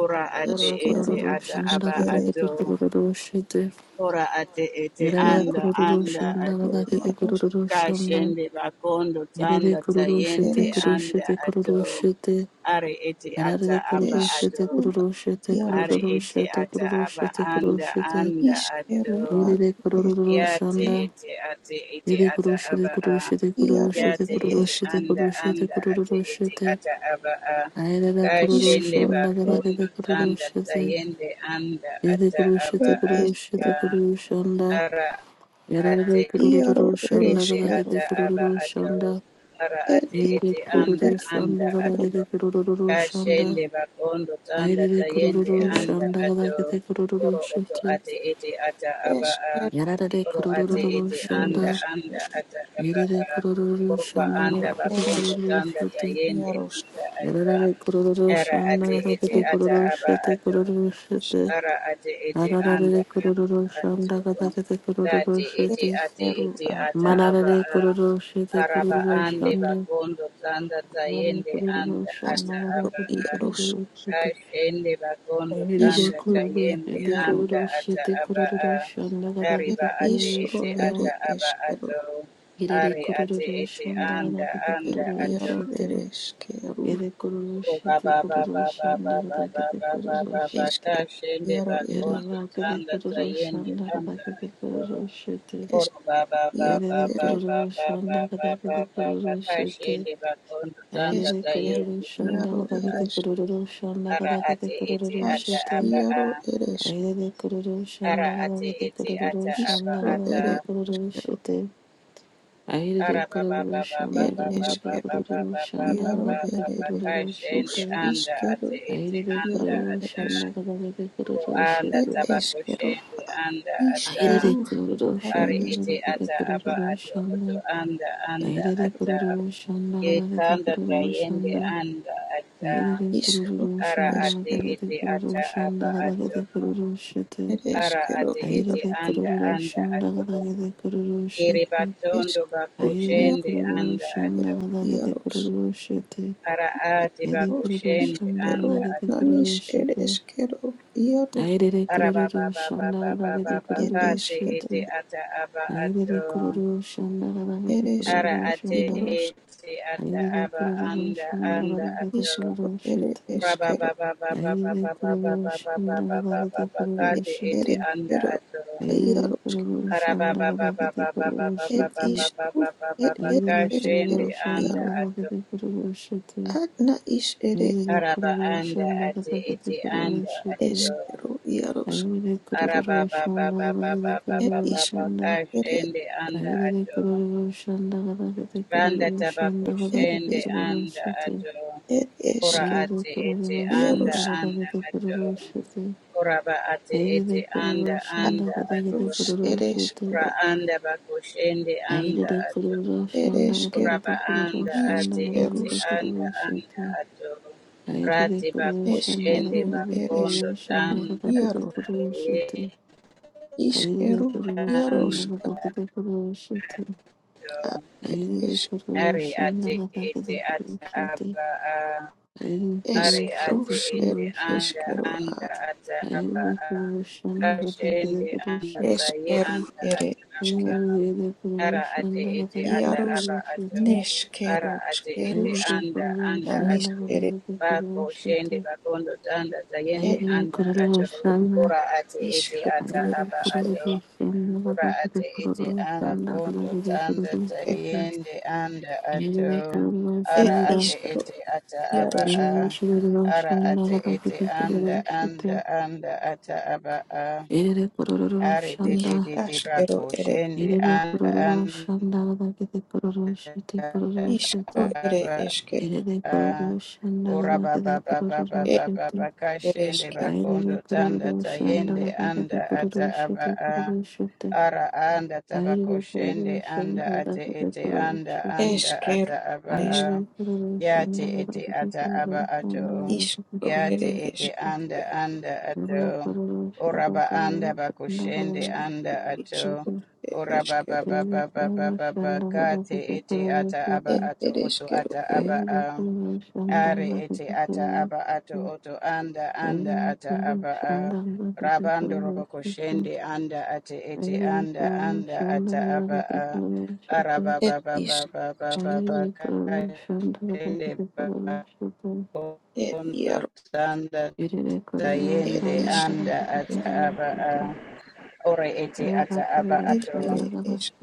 [SPEAKER 3] ora
[SPEAKER 1] Yede
[SPEAKER 3] ate
[SPEAKER 1] kuru
[SPEAKER 3] ete
[SPEAKER 2] eskero
[SPEAKER 1] kuru
[SPEAKER 3] ata
[SPEAKER 1] shanda
[SPEAKER 3] aba
[SPEAKER 1] kada
[SPEAKER 2] askere
[SPEAKER 3] ato
[SPEAKER 1] kete kuru kuru shite.
[SPEAKER 3] ora ate ete
[SPEAKER 1] Yede
[SPEAKER 2] iar
[SPEAKER 3] anda
[SPEAKER 1] kuru kuru
[SPEAKER 3] anda
[SPEAKER 1] shanda
[SPEAKER 2] eskero
[SPEAKER 3] ato
[SPEAKER 1] kada kete kuru
[SPEAKER 2] iaros
[SPEAKER 1] kuru shanda.
[SPEAKER 3] kashende bakondo
[SPEAKER 1] Yede
[SPEAKER 3] tanda
[SPEAKER 1] kuru kuru shite
[SPEAKER 3] tayende
[SPEAKER 2] ere
[SPEAKER 1] kuru
[SPEAKER 2] eske
[SPEAKER 3] anda
[SPEAKER 1] shite kuru kuru
[SPEAKER 3] ato
[SPEAKER 1] shite.
[SPEAKER 3] are ete ata
[SPEAKER 1] Yede kuru
[SPEAKER 3] aba
[SPEAKER 1] kuru
[SPEAKER 3] ato
[SPEAKER 1] shite
[SPEAKER 2] estu
[SPEAKER 1] kuru kuru shite kuru
[SPEAKER 2] iaros
[SPEAKER 3] are
[SPEAKER 1] kuru
[SPEAKER 3] ete
[SPEAKER 1] shite kuru
[SPEAKER 3] ata
[SPEAKER 1] kuru
[SPEAKER 3] aba
[SPEAKER 1] shite kuru kuru
[SPEAKER 3] anda
[SPEAKER 1] shite.
[SPEAKER 3] anda
[SPEAKER 2] iskero
[SPEAKER 3] ato
[SPEAKER 2] ad
[SPEAKER 1] Yede kuru kuru
[SPEAKER 2] eske
[SPEAKER 3] Ya te
[SPEAKER 1] shanda.
[SPEAKER 3] ete ate ete
[SPEAKER 1] Shede
[SPEAKER 3] ata
[SPEAKER 1] guru shede
[SPEAKER 3] aba
[SPEAKER 1] guru
[SPEAKER 3] a.
[SPEAKER 1] shede guru
[SPEAKER 2] iaro
[SPEAKER 3] Ya
[SPEAKER 1] shede
[SPEAKER 3] te
[SPEAKER 2] ere
[SPEAKER 1] guru
[SPEAKER 3] ete
[SPEAKER 2] eske
[SPEAKER 1] shede
[SPEAKER 3] anda
[SPEAKER 1] guru shede
[SPEAKER 3] anda ate
[SPEAKER 1] guru
[SPEAKER 3] ete
[SPEAKER 1] shede
[SPEAKER 3] ata aba a.
[SPEAKER 1] Ayara
[SPEAKER 3] Ka
[SPEAKER 1] guru
[SPEAKER 2] iskero
[SPEAKER 3] shende ba
[SPEAKER 1] shanda gara
[SPEAKER 2] ere
[SPEAKER 1] shede guru
[SPEAKER 3] tanda
[SPEAKER 1] shede
[SPEAKER 3] tayende anda
[SPEAKER 1] Yede
[SPEAKER 3] ata
[SPEAKER 1] guru shede
[SPEAKER 3] aba
[SPEAKER 1] guru
[SPEAKER 2] eske
[SPEAKER 1] shede
[SPEAKER 3] a.
[SPEAKER 1] guru shanda
[SPEAKER 3] Ara
[SPEAKER 1] Yara
[SPEAKER 3] ate
[SPEAKER 1] guru
[SPEAKER 2] iaro
[SPEAKER 1] guru
[SPEAKER 2] ere
[SPEAKER 1] shanda
[SPEAKER 3] ete
[SPEAKER 1] gara
[SPEAKER 2] eskero
[SPEAKER 3] ata
[SPEAKER 1] shede
[SPEAKER 3] aba
[SPEAKER 1] guru
[SPEAKER 3] ato
[SPEAKER 1] shanda
[SPEAKER 3] ara
[SPEAKER 2] ere
[SPEAKER 3] ate
[SPEAKER 1] Yede
[SPEAKER 3] ete
[SPEAKER 2] istu
[SPEAKER 1] guru
[SPEAKER 3] anda
[SPEAKER 2] ere
[SPEAKER 1] shanda
[SPEAKER 3] anda
[SPEAKER 1] gara
[SPEAKER 3] ato
[SPEAKER 1] shede guru shanda
[SPEAKER 3] kashende bakondo tanda
[SPEAKER 1] Ayere
[SPEAKER 3] tayende
[SPEAKER 1] guru
[SPEAKER 2] ere
[SPEAKER 3] anda
[SPEAKER 1] shanda gara
[SPEAKER 3] ato
[SPEAKER 1] shede guru
[SPEAKER 3] oro oto
[SPEAKER 1] shede
[SPEAKER 3] ate ete ata aba a
[SPEAKER 2] eskero
[SPEAKER 1] Yara
[SPEAKER 3] oro ate
[SPEAKER 2] ma
[SPEAKER 1] guru
[SPEAKER 3] ete
[SPEAKER 2] ere
[SPEAKER 1] shanda
[SPEAKER 3] anda anda
[SPEAKER 2] eske
[SPEAKER 3] ata aba
[SPEAKER 1] Yere
[SPEAKER 3] a
[SPEAKER 1] guru
[SPEAKER 3] oro ba
[SPEAKER 1] shanda
[SPEAKER 3] anda
[SPEAKER 1] gara shede
[SPEAKER 3] bakondo
[SPEAKER 1] guru
[SPEAKER 3] tanda
[SPEAKER 1] shede
[SPEAKER 3] tayende
[SPEAKER 2] Yarosh
[SPEAKER 3] anda ata
[SPEAKER 1] Yararare
[SPEAKER 3] ara
[SPEAKER 1] kururushan
[SPEAKER 3] ate ete
[SPEAKER 1] dagatakete
[SPEAKER 2] et
[SPEAKER 3] ata aba
[SPEAKER 1] kururushete
[SPEAKER 3] ato
[SPEAKER 1] kururushete.
[SPEAKER 3] ara ate ete
[SPEAKER 1] Yararare
[SPEAKER 3] anda anda
[SPEAKER 1] kururushan
[SPEAKER 3] ate o.
[SPEAKER 1] dagatakete
[SPEAKER 3] Tati ete
[SPEAKER 1] kururushete.
[SPEAKER 3] ate
[SPEAKER 2] eru
[SPEAKER 3] ete
[SPEAKER 2] a
[SPEAKER 3] ata
[SPEAKER 2] et
[SPEAKER 3] aba
[SPEAKER 1] Manarare
[SPEAKER 3] a.
[SPEAKER 1] kururushete
[SPEAKER 3] araba ande
[SPEAKER 1] kururushan
[SPEAKER 3] bakondo tanda
[SPEAKER 1] dagatakete
[SPEAKER 3] tayende anda
[SPEAKER 1] kururushan
[SPEAKER 3] ata
[SPEAKER 2] astro
[SPEAKER 3] aba
[SPEAKER 1] dagatakete
[SPEAKER 3] a.
[SPEAKER 2] Yarosh
[SPEAKER 1] kururushete.
[SPEAKER 3] Kashende bakondo
[SPEAKER 1] Yararare
[SPEAKER 3] tanda
[SPEAKER 2] iskro et
[SPEAKER 3] tayende
[SPEAKER 1] kururushete
[SPEAKER 2] Yaro
[SPEAKER 3] anda ata
[SPEAKER 1] kururushete
[SPEAKER 3] aba a.
[SPEAKER 1] kururushan
[SPEAKER 2] et
[SPEAKER 1] dagatakete
[SPEAKER 3] Ariba ate
[SPEAKER 2] isro
[SPEAKER 3] ete
[SPEAKER 1] kururushan
[SPEAKER 2] ere
[SPEAKER 1] dagatakete.
[SPEAKER 3] ata aba
[SPEAKER 2] eskero
[SPEAKER 3] ato.
[SPEAKER 1] Yararare
[SPEAKER 3] Ari ate ete
[SPEAKER 1] kururushan
[SPEAKER 3] anda
[SPEAKER 1] dagatakete
[SPEAKER 2] et
[SPEAKER 3] anda
[SPEAKER 2] Yaro
[SPEAKER 1] kururushete.
[SPEAKER 2] ere eskeru
[SPEAKER 1] Yararare
[SPEAKER 3] Ba ba
[SPEAKER 1] kururushete
[SPEAKER 3] ba ba ba
[SPEAKER 1] kururushan
[SPEAKER 3] ba ba ba ba
[SPEAKER 1] dagatakete
[SPEAKER 3] ba ba ba
[SPEAKER 1] kururushete.
[SPEAKER 2] esker
[SPEAKER 3] kashende
[SPEAKER 2] Yaro ere
[SPEAKER 3] bagondo
[SPEAKER 1] Yanabakade
[SPEAKER 3] tanda
[SPEAKER 1] kururu
[SPEAKER 3] tayende anda
[SPEAKER 1] shandakadakade
[SPEAKER 3] ayoro
[SPEAKER 1] kururu shete.
[SPEAKER 2] es
[SPEAKER 3] oro ba ba ba
[SPEAKER 2] Yaro
[SPEAKER 3] ba
[SPEAKER 1] Aidede
[SPEAKER 3] ba
[SPEAKER 2] ere
[SPEAKER 3] ba
[SPEAKER 1] kururu
[SPEAKER 3] ba ba ba ba
[SPEAKER 1] shandakadakade
[SPEAKER 3] ba ba
[SPEAKER 1] kururu shete.
[SPEAKER 3] kashende bagondo tanda
[SPEAKER 1] Aidede
[SPEAKER 2] esker
[SPEAKER 1] kururu
[SPEAKER 3] tayende
[SPEAKER 2] Yaro
[SPEAKER 3] anda
[SPEAKER 1] shandakadakade
[SPEAKER 2] ere
[SPEAKER 3] ajo
[SPEAKER 1] kururu
[SPEAKER 3] ara
[SPEAKER 1] shandakadakade
[SPEAKER 3] ate ete
[SPEAKER 1] kururu
[SPEAKER 2] as
[SPEAKER 3] ata
[SPEAKER 1] shete.
[SPEAKER 3] aba a
[SPEAKER 2] Yaro ere esk
[SPEAKER 1] Aidede kururu
[SPEAKER 3] ara ate
[SPEAKER 1] shandakadakade
[SPEAKER 3] ete
[SPEAKER 1] kururu
[SPEAKER 3] ata aba
[SPEAKER 2] iskro
[SPEAKER 3] ata
[SPEAKER 1] shandakadakade
[SPEAKER 2] ere
[SPEAKER 1] kururu
[SPEAKER 2] eskero
[SPEAKER 1] shete. Aidede
[SPEAKER 3] ara ba ba
[SPEAKER 1] kururu
[SPEAKER 3] ba ba ba
[SPEAKER 2] et
[SPEAKER 3] ba ba
[SPEAKER 1] shandakadakade
[SPEAKER 3] ba ba
[SPEAKER 2] eskeru
[SPEAKER 3] ba
[SPEAKER 1] kururu
[SPEAKER 3] ba ba ba
[SPEAKER 2] Yaro
[SPEAKER 3] ba
[SPEAKER 1] shandakadakade
[SPEAKER 3] ba
[SPEAKER 2] ere
[SPEAKER 3] ba
[SPEAKER 2] es
[SPEAKER 1] kururu
[SPEAKER 2] rus
[SPEAKER 3] kashende
[SPEAKER 1] shete.
[SPEAKER 3] anda
[SPEAKER 2] iskero
[SPEAKER 3] ate ete
[SPEAKER 1] Aidede
[SPEAKER 3] anda
[SPEAKER 2] Yaro
[SPEAKER 1] kururu
[SPEAKER 3] ata
[SPEAKER 2] ere
[SPEAKER 1] shandakadakade kururu
[SPEAKER 3] anda
[SPEAKER 1] shete.
[SPEAKER 2] esk
[SPEAKER 3] tabako
[SPEAKER 2] et
[SPEAKER 3] shende anda ata
[SPEAKER 1] Airere
[SPEAKER 2] Ishkeru
[SPEAKER 1] kururu
[SPEAKER 2] are
[SPEAKER 3] ari
[SPEAKER 1] shanda
[SPEAKER 3] ete
[SPEAKER 2] eskero
[SPEAKER 1] lagade
[SPEAKER 3] ata aba
[SPEAKER 1] kururu
[SPEAKER 3] ato oto
[SPEAKER 1] shanda.
[SPEAKER 3] anda anda
[SPEAKER 1] Airere
[SPEAKER 2] ero
[SPEAKER 3] ata
[SPEAKER 1] kururu shanda lagade
[SPEAKER 3] yekanda
[SPEAKER 1] kururu
[SPEAKER 3] tayende
[SPEAKER 1] shanda.
[SPEAKER 3] anda ata
[SPEAKER 1] Airere
[SPEAKER 2] ishro
[SPEAKER 1] kururu
[SPEAKER 3] ara
[SPEAKER 1] shanda
[SPEAKER 3] ate
[SPEAKER 2] eskero
[SPEAKER 1] lagade
[SPEAKER 3] ete
[SPEAKER 1] kururu
[SPEAKER 3] ata
[SPEAKER 1] shanda
[SPEAKER 3] aba ato
[SPEAKER 1] lagade kururu shete.
[SPEAKER 2] ere
[SPEAKER 3] ara
[SPEAKER 2] eskero
[SPEAKER 3] ate
[SPEAKER 2] iaro
[SPEAKER 3] ete
[SPEAKER 1] Airere
[SPEAKER 3] anda
[SPEAKER 1] kururu
[SPEAKER 3] anda
[SPEAKER 1] shanda
[SPEAKER 3] ato
[SPEAKER 1] lagade kururu
[SPEAKER 3] iri
[SPEAKER 1] shete.
[SPEAKER 3] batondo bako
[SPEAKER 2] eskeru
[SPEAKER 1] Airere
[SPEAKER 2] iaro
[SPEAKER 3] shende
[SPEAKER 1] kururu
[SPEAKER 3] anda
[SPEAKER 1] shanda
[SPEAKER 3] ato
[SPEAKER 2] ero
[SPEAKER 1] lagade
[SPEAKER 2] iaros
[SPEAKER 1] kururu shete.
[SPEAKER 3] ara ate
[SPEAKER 1] Airere
[SPEAKER 3] bako
[SPEAKER 2] ishros
[SPEAKER 1] kururu
[SPEAKER 3] shende
[SPEAKER 1] shanda
[SPEAKER 2] ishkero
[SPEAKER 3] anda
[SPEAKER 1] lagade
[SPEAKER 3] ato
[SPEAKER 2] nanish
[SPEAKER 1] kururu
[SPEAKER 2] ere
[SPEAKER 1] shete.
[SPEAKER 2] eskero iaros
[SPEAKER 1] Airere
[SPEAKER 3] ara
[SPEAKER 1] kururu
[SPEAKER 3] baba baba
[SPEAKER 1] shanda
[SPEAKER 3] baba
[SPEAKER 1] lagade
[SPEAKER 3] baba
[SPEAKER 2] ere
[SPEAKER 1] kururu
[SPEAKER 3] kate
[SPEAKER 2] eskero
[SPEAKER 1] shete.
[SPEAKER 3] ete ata aba
[SPEAKER 1] Ayerere
[SPEAKER 3] ato
[SPEAKER 1] kururu shanda gadagete
[SPEAKER 2] ere
[SPEAKER 3] Ara
[SPEAKER 1] kururu
[SPEAKER 2] eskero
[SPEAKER 3] ate
[SPEAKER 1] shanda.
[SPEAKER 2] iaros
[SPEAKER 3] ete ata
[SPEAKER 1] Ayerere
[SPEAKER 3] aba
[SPEAKER 1] kururu
[SPEAKER 3] anda
[SPEAKER 1] shanda
[SPEAKER 3] anda
[SPEAKER 1] gadagete
[SPEAKER 3] ato.
[SPEAKER 2] ishkro
[SPEAKER 1] kururu
[SPEAKER 2] ere
[SPEAKER 1] shite.
[SPEAKER 3] Raba
[SPEAKER 2] eskero
[SPEAKER 3] ba ba ba ba ba
[SPEAKER 1] Ayerere
[SPEAKER 3] ba ba ba ba
[SPEAKER 1] kururu
[SPEAKER 3] ba ba
[SPEAKER 1] shanda
[SPEAKER 3] ba ba
[SPEAKER 1] gadagete
[SPEAKER 3] ba ba
[SPEAKER 1] kururu
[SPEAKER 3] kate
[SPEAKER 1] shite.
[SPEAKER 2] ere
[SPEAKER 3] ete anda
[SPEAKER 2] eskero
[SPEAKER 3] ato.
[SPEAKER 1] Ayerere
[SPEAKER 2] iaros
[SPEAKER 1] kururu
[SPEAKER 3] Karaba
[SPEAKER 1] shanda
[SPEAKER 3] ba ba ba
[SPEAKER 1] gadagete
[SPEAKER 3] ba ba ba
[SPEAKER 1] kururu
[SPEAKER 3] ba
[SPEAKER 2] er
[SPEAKER 3] ba ba
[SPEAKER 1] shite.
[SPEAKER 3] ba ba
[SPEAKER 2] ishros
[SPEAKER 3] ba ba ba
[SPEAKER 2] er
[SPEAKER 3] ba
[SPEAKER 2] ere
[SPEAKER 1] Ayerere
[SPEAKER 2] eskero
[SPEAKER 1] kururu
[SPEAKER 3] kashende
[SPEAKER 1] shanda
[SPEAKER 3] anda
[SPEAKER 2] iaros
[SPEAKER 3] ato.
[SPEAKER 1] gadagete kururu shite.
[SPEAKER 2] ad na ish ere
[SPEAKER 1] Ayerere
[SPEAKER 3] Araba
[SPEAKER 1] kururu
[SPEAKER 3] anda
[SPEAKER 1] shanda
[SPEAKER 3] ate
[SPEAKER 1] gadagete
[SPEAKER 3] ete
[SPEAKER 1] kururu
[SPEAKER 3] anda
[SPEAKER 1] shite.
[SPEAKER 3] ato.
[SPEAKER 2] eskero iaros
[SPEAKER 1] Ayerere kururu shanda
[SPEAKER 3] Araba ba ba ba ba ba
[SPEAKER 1] gadagete
[SPEAKER 3] ba
[SPEAKER 2] It
[SPEAKER 3] ba
[SPEAKER 1] kururu
[SPEAKER 3] ba
[SPEAKER 2] is
[SPEAKER 3] ba
[SPEAKER 1] shanda.
[SPEAKER 2] it is
[SPEAKER 3] kashende anda
[SPEAKER 1] Aire
[SPEAKER 3] ato.
[SPEAKER 1] kororo shanda gada gada
[SPEAKER 3] Randa
[SPEAKER 1] kororo shanda gada
[SPEAKER 2] it
[SPEAKER 1] gada
[SPEAKER 3] tabakushende
[SPEAKER 2] is
[SPEAKER 1] kororo
[SPEAKER 3] anda
[SPEAKER 1] shete.
[SPEAKER 3] ato.
[SPEAKER 2] it is
[SPEAKER 3] Ora
[SPEAKER 1] Aire
[SPEAKER 3] ate ete
[SPEAKER 1] kororo
[SPEAKER 2] Quiero
[SPEAKER 3] anda
[SPEAKER 1] shanda gada
[SPEAKER 3] anda
[SPEAKER 1] gada kororo
[SPEAKER 3] ato.
[SPEAKER 1] shete.
[SPEAKER 3] Ora ba ate
[SPEAKER 1] Aire
[SPEAKER 3] ete
[SPEAKER 1] kororo
[SPEAKER 3] anda
[SPEAKER 1] shanda
[SPEAKER 3] anda
[SPEAKER 1] gada gada
[SPEAKER 3] ato.
[SPEAKER 2] arroz
[SPEAKER 1] kororo
[SPEAKER 2] eres
[SPEAKER 1] shete.
[SPEAKER 3] Ora
[SPEAKER 2] quiero
[SPEAKER 3] anda bakushende anda
[SPEAKER 1] Aire
[SPEAKER 3] ato.
[SPEAKER 1] kororo shanda
[SPEAKER 2] eres
[SPEAKER 1] gada
[SPEAKER 2] quiero
[SPEAKER 3] Ora
[SPEAKER 1] gada
[SPEAKER 3] ba
[SPEAKER 1] kororo
[SPEAKER 3] anda
[SPEAKER 2] is
[SPEAKER 1] shanda
[SPEAKER 3] ate
[SPEAKER 1] gada
[SPEAKER 2] quiero
[SPEAKER 3] ete
[SPEAKER 1] gada
[SPEAKER 3] anda
[SPEAKER 1] kororo
[SPEAKER 3] anda
[SPEAKER 1] shete.
[SPEAKER 3] ato.
[SPEAKER 1] Aire
[SPEAKER 3] Rati
[SPEAKER 1] kororo
[SPEAKER 2] es
[SPEAKER 1] shanda
[SPEAKER 3] bakushende
[SPEAKER 1] gada
[SPEAKER 2] quiero
[SPEAKER 1] gada
[SPEAKER 2] eres
[SPEAKER 3] bakondo
[SPEAKER 1] kororo shanda gada
[SPEAKER 3] tanda
[SPEAKER 1] gada kororo shete. Aire kororo shanda gada gada kororo
[SPEAKER 2] quiero
[SPEAKER 3] taye
[SPEAKER 1] shete.
[SPEAKER 2] is
[SPEAKER 1] Aire
[SPEAKER 2] quiero quiero
[SPEAKER 3] anda ato.
[SPEAKER 2] eres
[SPEAKER 1] kororo
[SPEAKER 3] Ari
[SPEAKER 1] shanda
[SPEAKER 3] ate
[SPEAKER 1] gada gada
[SPEAKER 3] ete
[SPEAKER 1] kororo
[SPEAKER 3] ata
[SPEAKER 1] shete.
[SPEAKER 3] aba. a.
[SPEAKER 1] Ayana
[SPEAKER 2] es
[SPEAKER 1] Guru
[SPEAKER 3] Ari
[SPEAKER 2] quiero
[SPEAKER 3] ati
[SPEAKER 1] Shati
[SPEAKER 3] iti
[SPEAKER 1] Guru
[SPEAKER 2] eres
[SPEAKER 3] anda
[SPEAKER 1] Shati
[SPEAKER 2] quiero
[SPEAKER 3] anda ata aba
[SPEAKER 1] Ayana
[SPEAKER 3] a.
[SPEAKER 1] Guru Shanda Kata Kata
[SPEAKER 3] Kashende
[SPEAKER 1] Guru
[SPEAKER 3] anda
[SPEAKER 1] Shati
[SPEAKER 2] es
[SPEAKER 3] taye
[SPEAKER 2] quiero
[SPEAKER 3] anda
[SPEAKER 2] eres
[SPEAKER 3] ata aba
[SPEAKER 2] quiero
[SPEAKER 1] Ayana Guru
[SPEAKER 3] Ara ati
[SPEAKER 1] Shanda
[SPEAKER 3] iti
[SPEAKER 1] Kata
[SPEAKER 3] ata
[SPEAKER 1] Kata
[SPEAKER 2] quiero
[SPEAKER 3] aba
[SPEAKER 1] Guru Shati
[SPEAKER 3] ato.
[SPEAKER 2] nes
[SPEAKER 3] Ara
[SPEAKER 2] quiero
[SPEAKER 3] ati
[SPEAKER 2] quiero
[SPEAKER 3] iti
[SPEAKER 1] Ayana
[SPEAKER 3] anda
[SPEAKER 1] Guru
[SPEAKER 3] anda
[SPEAKER 2] nanis
[SPEAKER 1] Shanda
[SPEAKER 3] ato.
[SPEAKER 2] eres
[SPEAKER 1] Kata Kata Guru
[SPEAKER 3] Bako shende
[SPEAKER 1] Shati
[SPEAKER 3] bakondo tanda tayende
[SPEAKER 2] et
[SPEAKER 1] Ayana
[SPEAKER 3] anda
[SPEAKER 2] es
[SPEAKER 1] Guru
[SPEAKER 3] ato.
[SPEAKER 1] Shanda
[SPEAKER 3] Ora ati iti ata
[SPEAKER 1] Ayana
[SPEAKER 3] aba
[SPEAKER 1] Guru
[SPEAKER 3] ato.
[SPEAKER 1] Shanda
[SPEAKER 3] Ora
[SPEAKER 1] Kata Kata
[SPEAKER 3] ate ete
[SPEAKER 1] Guru
[SPEAKER 3] ara
[SPEAKER 1] Shanda
[SPEAKER 3] kondo
[SPEAKER 1] Kata Kata
[SPEAKER 3] tanda
[SPEAKER 1] Guru Shati
[SPEAKER 3] tayende anda
[SPEAKER 1] Ayana Guru Shanda Ayana Guru Shanda Kata Kata Guru Shati
[SPEAKER 3] ato.
[SPEAKER 2] et
[SPEAKER 3] Ara ate
[SPEAKER 2] is
[SPEAKER 3] ete ata aba
[SPEAKER 2] Yaroshka
[SPEAKER 3] a. Ara ate ete anda anda anda ata aba a.
[SPEAKER 1] Ayana Guru
[SPEAKER 3] Ari de
[SPEAKER 2] i
[SPEAKER 1] Shanda
[SPEAKER 3] de de de
[SPEAKER 2] ashkero
[SPEAKER 3] bako
[SPEAKER 2] ere
[SPEAKER 3] shende
[SPEAKER 1] Irede
[SPEAKER 3] anda
[SPEAKER 1] kororo
[SPEAKER 3] anda
[SPEAKER 1] shandagada kete kororo shete kororo shete.
[SPEAKER 2] ishkero ere
[SPEAKER 3] aba
[SPEAKER 2] eske,
[SPEAKER 1] Irede kororo
[SPEAKER 3] a. Ora
[SPEAKER 1] shandagada
[SPEAKER 3] ba
[SPEAKER 1] kete
[SPEAKER 3] ba ba ba ba
[SPEAKER 1] kororo
[SPEAKER 2] ere,
[SPEAKER 3] ba ba
[SPEAKER 1] shete.
[SPEAKER 3] ba
[SPEAKER 2] es
[SPEAKER 3] kashende
[SPEAKER 2] ereshkero
[SPEAKER 1] Airede
[SPEAKER 3] bakondo tanda
[SPEAKER 1] kororo
[SPEAKER 3] tayende
[SPEAKER 1] shandagada kete
[SPEAKER 3] anda
[SPEAKER 1] kororo
[SPEAKER 3] ata aba
[SPEAKER 1] shete
[SPEAKER 3] a.
[SPEAKER 1] kororo shete.
[SPEAKER 3] Ara anda
[SPEAKER 1] Airede
[SPEAKER 3] tabako
[SPEAKER 1] kororo
[SPEAKER 3] shende anda
[SPEAKER 1] shandagada
[SPEAKER 3] ate
[SPEAKER 1] kete
[SPEAKER 3] ete
[SPEAKER 1] kororo
[SPEAKER 3] anda
[SPEAKER 1] shete.
[SPEAKER 2] ere,
[SPEAKER 3] anda ata aba
[SPEAKER 2] eske,
[SPEAKER 3] a.
[SPEAKER 1] Airede kororo
[SPEAKER 3] Ya te
[SPEAKER 1] shandagada
[SPEAKER 3] ete
[SPEAKER 1] kete
[SPEAKER 3] ata
[SPEAKER 1] kororo
[SPEAKER 3] aba ato.
[SPEAKER 1] shandagada kete
[SPEAKER 2] ishkero
[SPEAKER 3] Ya
[SPEAKER 2] ere
[SPEAKER 3] te
[SPEAKER 1] kororo
[SPEAKER 3] ete
[SPEAKER 2] eske,
[SPEAKER 1] shete.
[SPEAKER 3] anda anda
[SPEAKER 1] Irede
[SPEAKER 3] ato.
[SPEAKER 1] kororo shandagada shandagada kete kororo shete.
[SPEAKER 3] Oraba anda bako shende
[SPEAKER 2] eshke
[SPEAKER 3] anda ato.
[SPEAKER 2] ishkero ere
[SPEAKER 3] Oraba ba
[SPEAKER 2] eskero
[SPEAKER 3] ba
[SPEAKER 1] Irede
[SPEAKER 3] ba ba ba
[SPEAKER 1] kororo
[SPEAKER 3] ba ba ka
[SPEAKER 1] shandagada
[SPEAKER 3] te
[SPEAKER 1] kete
[SPEAKER 3] ete
[SPEAKER 1] kororo
[SPEAKER 3] ata
[SPEAKER 2] e,
[SPEAKER 1] shete.
[SPEAKER 3] aba
[SPEAKER 2] ere,
[SPEAKER 3] ato oto
[SPEAKER 2] ereshkero
[SPEAKER 3] ata
[SPEAKER 1] Shanda
[SPEAKER 2] e,
[SPEAKER 3] aba a. Are ete ata aba ato oto anda anda ata aba a rabando roboko shende anda ate ete anda anda ata aba a araba
[SPEAKER 2] et
[SPEAKER 3] ba ba ba ba ba
[SPEAKER 2] ishkush
[SPEAKER 3] ba
[SPEAKER 2] ere
[SPEAKER 3] ba ka shende ba
[SPEAKER 2] e,
[SPEAKER 3] kondo
[SPEAKER 2] yaro
[SPEAKER 3] tanda
[SPEAKER 2] e,
[SPEAKER 3] tayende
[SPEAKER 2] ishkush
[SPEAKER 3] anda ata
[SPEAKER 2] e,
[SPEAKER 3] aba a ore ete ata aba ato
[SPEAKER 2] ere eske,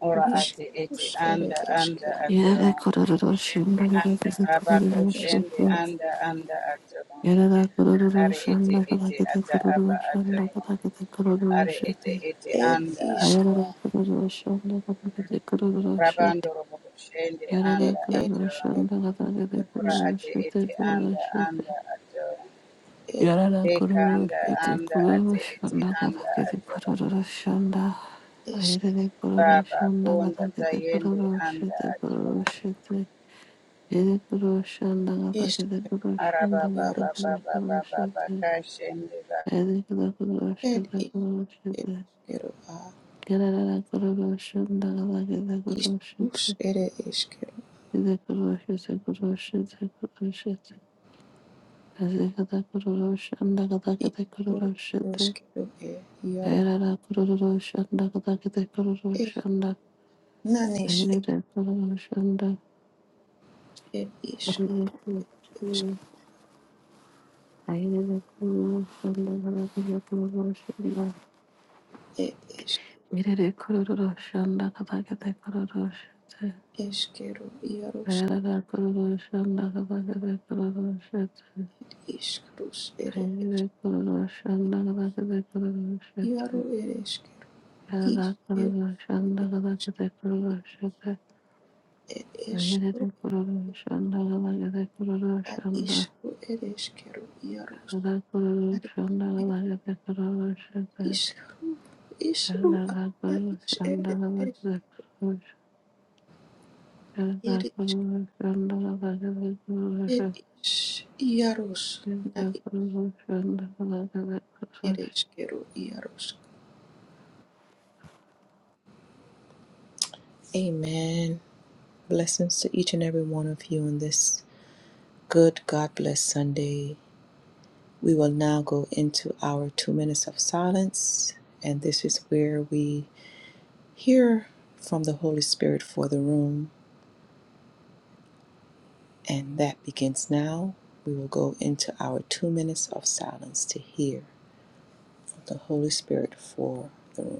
[SPEAKER 3] ora ate ete
[SPEAKER 2] ishkush ere
[SPEAKER 3] anda anda
[SPEAKER 2] eshkero
[SPEAKER 3] ato rabako shende
[SPEAKER 2] eshkero
[SPEAKER 3] anda anda ato
[SPEAKER 1] Yarara kururu
[SPEAKER 3] Are
[SPEAKER 1] shanda
[SPEAKER 3] ete ete
[SPEAKER 1] kadakete
[SPEAKER 3] ata aba
[SPEAKER 1] kururu
[SPEAKER 3] ato.
[SPEAKER 1] shanda kadakete kururu
[SPEAKER 3] Are ete
[SPEAKER 1] shete.
[SPEAKER 3] ete
[SPEAKER 2] et
[SPEAKER 3] anda
[SPEAKER 2] ishk
[SPEAKER 1] Ayarara
[SPEAKER 3] ato.
[SPEAKER 1] kururu shanda kadakete kururu shete.
[SPEAKER 3] Rabando robo shende
[SPEAKER 1] Yarara
[SPEAKER 3] anda
[SPEAKER 2] et
[SPEAKER 1] kururu
[SPEAKER 3] ato.
[SPEAKER 2] ereshkero
[SPEAKER 1] shanda kadakete
[SPEAKER 3] Ora
[SPEAKER 2] yaroshk
[SPEAKER 1] kururu
[SPEAKER 3] ate
[SPEAKER 1] shete
[SPEAKER 3] ete
[SPEAKER 1] kururu
[SPEAKER 3] anda
[SPEAKER 1] shete.
[SPEAKER 3] anda ato.
[SPEAKER 2] et
[SPEAKER 1] Yarara
[SPEAKER 3] Deka
[SPEAKER 1] kururu
[SPEAKER 3] anda
[SPEAKER 2] et
[SPEAKER 1] shete
[SPEAKER 3] anda
[SPEAKER 1] kururu
[SPEAKER 3] ate ete
[SPEAKER 1] shanda
[SPEAKER 3] anda
[SPEAKER 1] kadakete
[SPEAKER 3] ato.
[SPEAKER 1] kururu shanda.
[SPEAKER 2] eshk
[SPEAKER 1] Ayarara kururu
[SPEAKER 3] Baba
[SPEAKER 1] shanda
[SPEAKER 3] konda
[SPEAKER 1] kadakete
[SPEAKER 3] tayende
[SPEAKER 1] kururu
[SPEAKER 3] anda
[SPEAKER 1] shete kururu
[SPEAKER 3] ato.
[SPEAKER 1] shete. Yere kururu shanda kadakete
[SPEAKER 2] eshkero
[SPEAKER 1] kururu shanda
[SPEAKER 3] Araba baba
[SPEAKER 2] yaroshk
[SPEAKER 1] kadakete
[SPEAKER 3] baba
[SPEAKER 1] kururu
[SPEAKER 3] baba baba
[SPEAKER 1] shete.
[SPEAKER 3] kashende
[SPEAKER 1] Mirere kororo shanda
[SPEAKER 2] eškero a išrūš ere eškero išrū ar eškero e iaro
[SPEAKER 1] kada
[SPEAKER 2] eš naneš e išk ešk e ešk
[SPEAKER 1] kete kororo shite.
[SPEAKER 2] eškero iaro
[SPEAKER 1] Ayarara kururu şanda kabaka de kururu şete.
[SPEAKER 2] išrūš ere
[SPEAKER 1] Ayarara
[SPEAKER 2] ešk
[SPEAKER 1] kururu şanda kabaka de kururu şete.
[SPEAKER 2] iaro ere eškero
[SPEAKER 1] Ayarara kururu şanda
[SPEAKER 2] iškerūš
[SPEAKER 1] kabaka de
[SPEAKER 2] ere eškero
[SPEAKER 1] kururu
[SPEAKER 2] iaro
[SPEAKER 1] şete.
[SPEAKER 2] e eškero
[SPEAKER 1] Ayarara kururu şanda kabaka de kururu
[SPEAKER 2] a
[SPEAKER 1] şanda.
[SPEAKER 2] išrū ere eškero iaro
[SPEAKER 1] Ayarara kururu
[SPEAKER 2] ar
[SPEAKER 1] şanda
[SPEAKER 2] eškero
[SPEAKER 1] kabaka de kururu şete.
[SPEAKER 2] išrū išrū
[SPEAKER 1] Ayarara
[SPEAKER 2] a
[SPEAKER 1] kururu şanda kabaka de kururu şete. Ayarara kururu
[SPEAKER 2] iš
[SPEAKER 1] şanda kabaka de
[SPEAKER 2] ere
[SPEAKER 1] kururu şete. Ayarara kururu şanda
[SPEAKER 2] eškero
[SPEAKER 1] kabaka
[SPEAKER 2] Eres, eres, Yaros, na
[SPEAKER 1] de kururu şete.
[SPEAKER 2] eres, Kero, Yaros. Amen. Blessings to each and every one of you on this good God bless Sunday. We will now go into our two minutes of silence, and this is where we hear from the Holy Spirit for the room, and that begins now. We will go into our two minutes of silence to hear from the Holy Spirit for the room.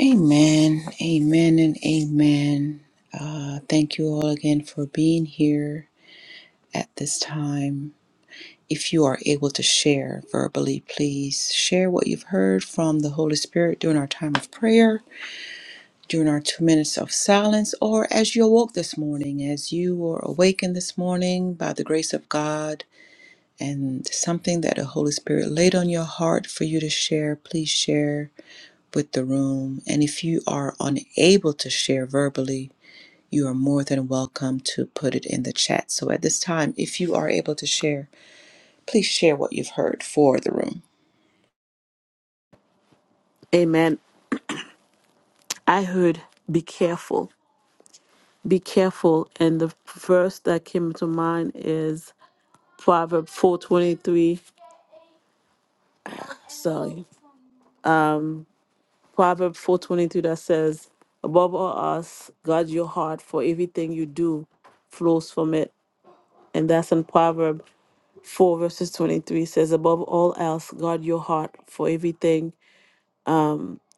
[SPEAKER 2] Amen, amen, and amen. Uh, thank you all again for being here at this time. If you are able to share verbally, please share what you've heard from the Holy Spirit during our time of prayer, during our two minutes of silence, or as you awoke this morning, as you were awakened this morning by the grace of God and something that the Holy Spirit laid on your heart for you to share, please share with the room. And if you are unable to share verbally, you are more than welcome to put it in the chat. So at this time, if you are able to share, please share what you've heard for the room.
[SPEAKER 1] Amen. I heard, be careful, be careful. And the verse that came to mind is Proverb 423. Sorry, Proverb 423 that says, above all else, guard your heart for everything you do flows from it. And that's in Proverb 4 verses 23 says, above all else, guard your heart for everything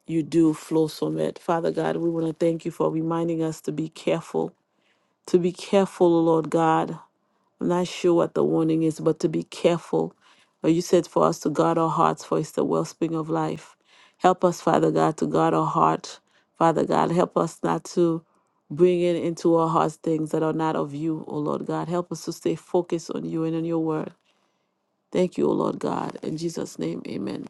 [SPEAKER 1] you do flows from it. Father God, we want to thank you for reminding us to be careful to be careful, O Lord God. I'm not sure what the warning is, but to be careful. But you said for us to guard our hearts, for it's the wellspring of life. Help us, Father God, to guard our heart. Father God, help us not to bring in into our hearts things that are not of you, O Lord God. Help us to stay focused on you and on your word. Thank you, O Lord God. In Jesus' name, amen.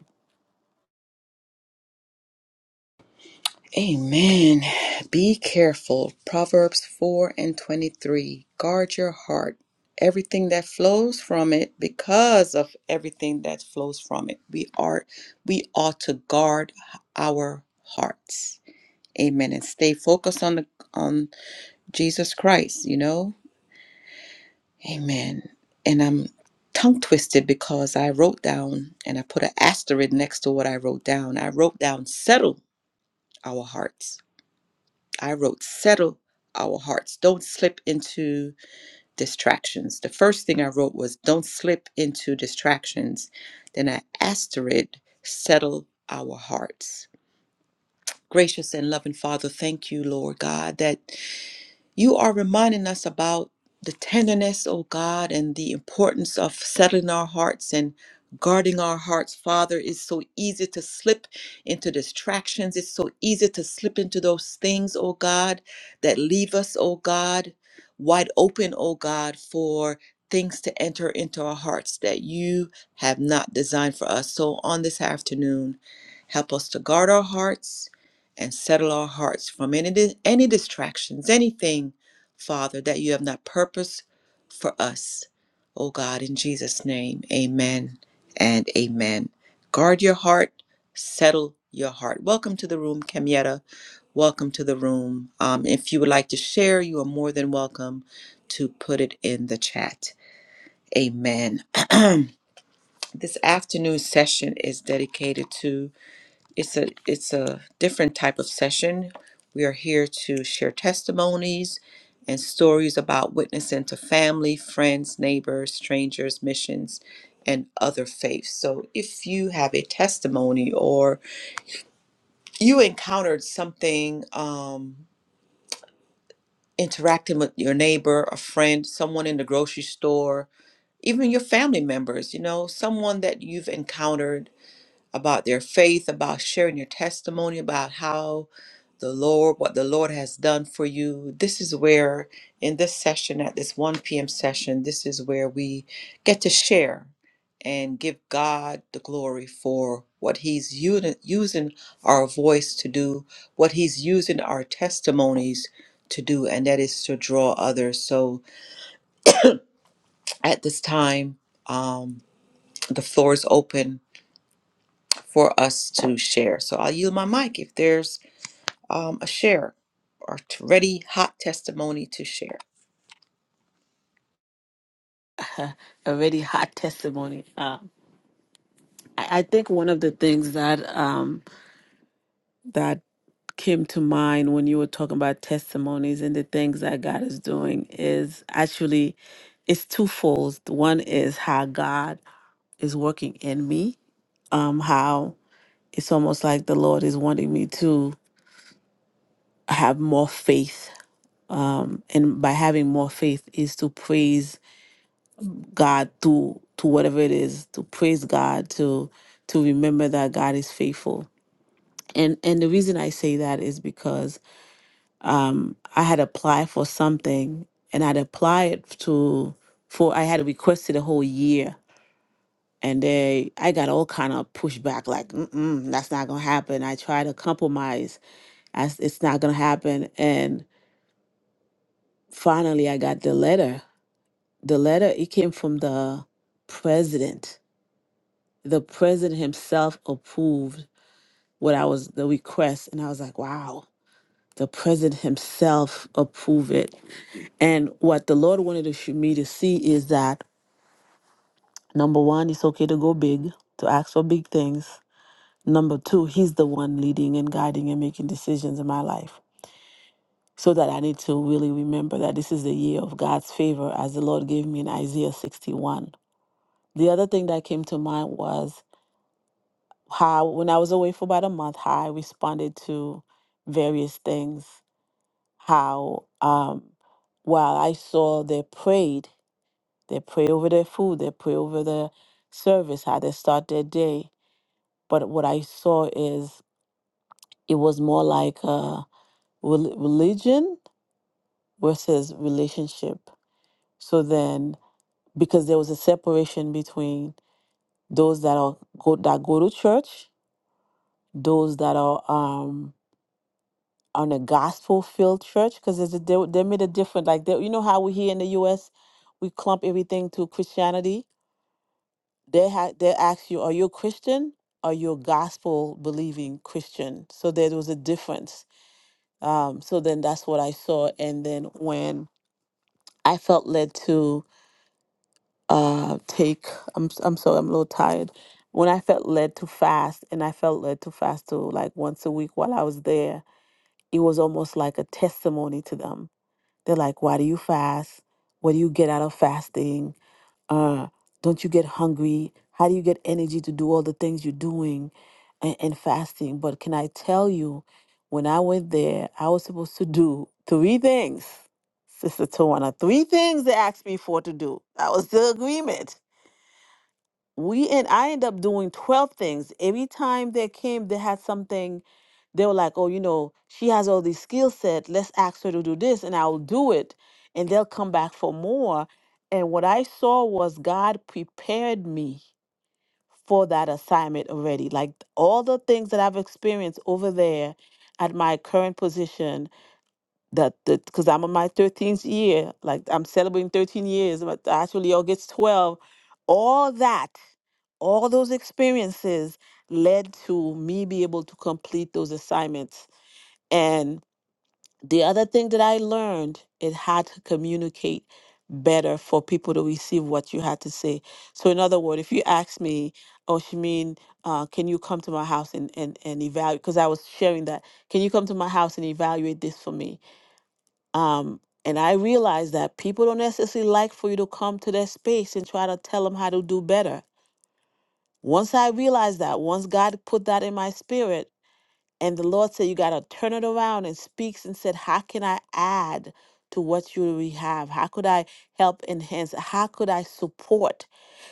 [SPEAKER 2] Amen. Be careful. Proverbs 4 and 23. Guard your heart, everything that flows from it, because of everything that flows from it. We are we ought to guard our hearts. Amen. And stay focused on the on Jesus Christ, you know? Amen. And I'm tongue twisted because I wrote down and I put an asterisk next to what I wrote down. I wrote down settle our hearts. I wrote settle our hearts. Don't slip into distractions. The first thing I wrote was don't slip into distractions. Then I asterisk settle our hearts. Gracious and loving Father, thank you, Lord God, that. You are reminding us about the tenderness, oh God, and the importance of settling our hearts and guarding our hearts, Father. It's so easy to slip into distractions. It's so easy to slip into those things, oh God, that leave us, oh God, wide open, oh God, for things to enter into our hearts that you have not designed for us. So on this afternoon, help us to guard our hearts and settle our hearts from any di- any distractions, anything, Father, that you have not purposed for us. Oh God, in Jesus' name, amen and amen. Guard your heart, settle your heart. Welcome to the room, Camietta. Welcome to the room. Um, if you would like to share, you are more than welcome to put it in the chat. Amen. This afternoon session is dedicated to it's a it's a different type of session. We are here to share testimonies and stories about witnessing to family, friends, neighbors, strangers, missions, and other faiths. So if you have a testimony or you encountered something um, interacting with your neighbor, a friend, someone in the grocery store, even your family members, you know, someone that you've encountered about their faith, about sharing your testimony, about how the Lord, what the Lord has done for you. This is where, in this session, at this 1 p.m. session, this is where we get to share and give God the glory for what He's uni- using our voice to do, what He's using our testimonies to do, and that is to draw others. So at this time, um, the floor is open for us to share. So I'll yield my mic if there's um, a share or t- ready hot testimony to share.
[SPEAKER 1] Already hot testimony. Uh, I, I think one of the things that um, that came to mind when you were talking about testimonies and the things that God is doing is actually it's twofold. One is how God is working in me, um, how it's almost like the Lord is wanting me to have more faith. Um, and by having more faith is to praise God to to whatever it is, to praise God, to to remember that God is faithful. And and the reason I say that is because um, I had applied for something and I'd applied to for I had requested a whole year and they I got all kind of pushback like Mm-mm, that's not gonna happen. I tried to compromise as it's not gonna happen and finally I got the letter. The letter it came from the president. The president himself approved what I was the request and I was like wow. The president himself approved it And what the Lord wanted to sh- me to see is that number one, it's okay to go big, to ask for big things. Number two, He's the one leading and guiding and making decisions in my life. So that I need to really remember that this is the year of God's favor, as the Lord gave me in Isaiah 61. The other thing that came to mind was how, when I was away for about a month, how I responded to various things. How, um, while I saw they prayed, They pray over their food, they pray over their service, how they start their day. But what I saw is it was more like a rel- religion versus relationship. So then, because there was a separation between those that are go, that go to church, those that are um, on a gospel-filled church, because they, they made a different. Like they, you know how we here in the U.S. we clump everything to Christianity they ha- they ask you, are you a Christian? Are you a gospel believing Christian? So there was a difference. Um, so then that's what I saw. And then when I felt led to uh, take, I'm s- I'm sorry, I'm a little tired. When I felt led to fast, and I felt led to fast to like once a week while I was there, it was almost like a testimony to them. They're like, why do you fast? What do you get out of fasting? Uh, don't you get hungry? How do you get energy to do all the things you're doing and, and fasting? But can I tell you, when I went there, I was supposed to do three things. Sister Tawana, three things they asked me for to do. That was the agreement we and I end up doing 12 things. Every time they came, they had something, they were like, oh, you know, she has all these skill set. Let's ask her to do this and I'll do it. And they'll come back for more. And what I saw was God prepared me for that assignment already. Like all the things that I've experienced over there at my current position that because I'm on my 13th year, like I'm celebrating 13 years, but actually August 12, all that, all those experiences led to me be able to complete those assignments. And the other thing that I learned, it had to communicate better for people to receive what you had to say. So in other words, if you ask me, oh Shamin, uh, can you come to my house and, and, and evaluate because I was sharing that, can you come to my house and evaluate this for me? Um, and I realize that people don't necessarily like for you to come to their space and try to tell them how to do better. Once I realized that, once God put that in my spirit, and the Lord said, You got to turn it around and speaks and said, How can I add to what you already have? How could I help enhance? How could I support?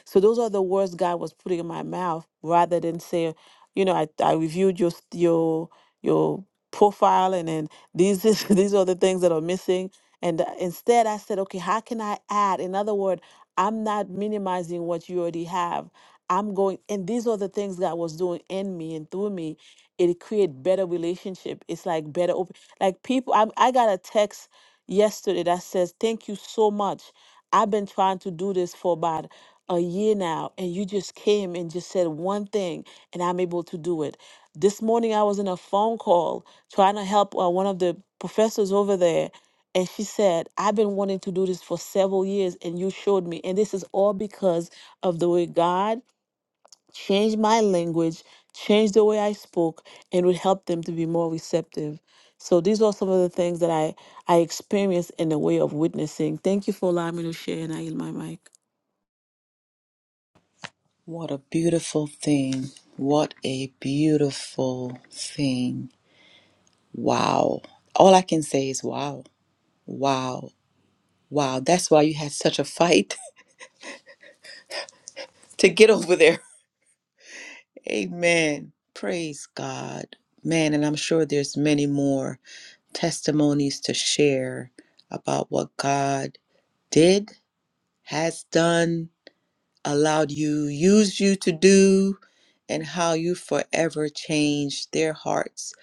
[SPEAKER 1] So those are the words God was putting in my mouth rather than say, You know, I, I reviewed your, your, your profile and then these, is, these are the things that are missing. And uh, instead, I said, Okay, how can I add? In other words, I'm not minimizing what you already have. I'm going, and these are the things God was doing in me and through me it create better relationship it's like better open like people I, I got a text yesterday that says thank you so much i've been trying to do this for about a year now and you just came and just said one thing and i'm able to do it this morning i was in a phone call trying to help uh, one of the professors over there and she said i've been wanting to do this for several years and you showed me and this is all because of the way god change my language, change the way I spoke, and it would help them to be more receptive. So these are some of the things that I I experienced in the way of witnessing. Thank you for allowing me to share, and I yield my mic.
[SPEAKER 2] What a beautiful thing. What a beautiful thing. Wow. All I can say is wow. Wow. Wow. That's why you had such a fight to get over there. Amen. Praise God. Man, and I'm sure there's many more testimonies to share about what God did, has done, allowed you, used you to do, and how you forever changed their hearts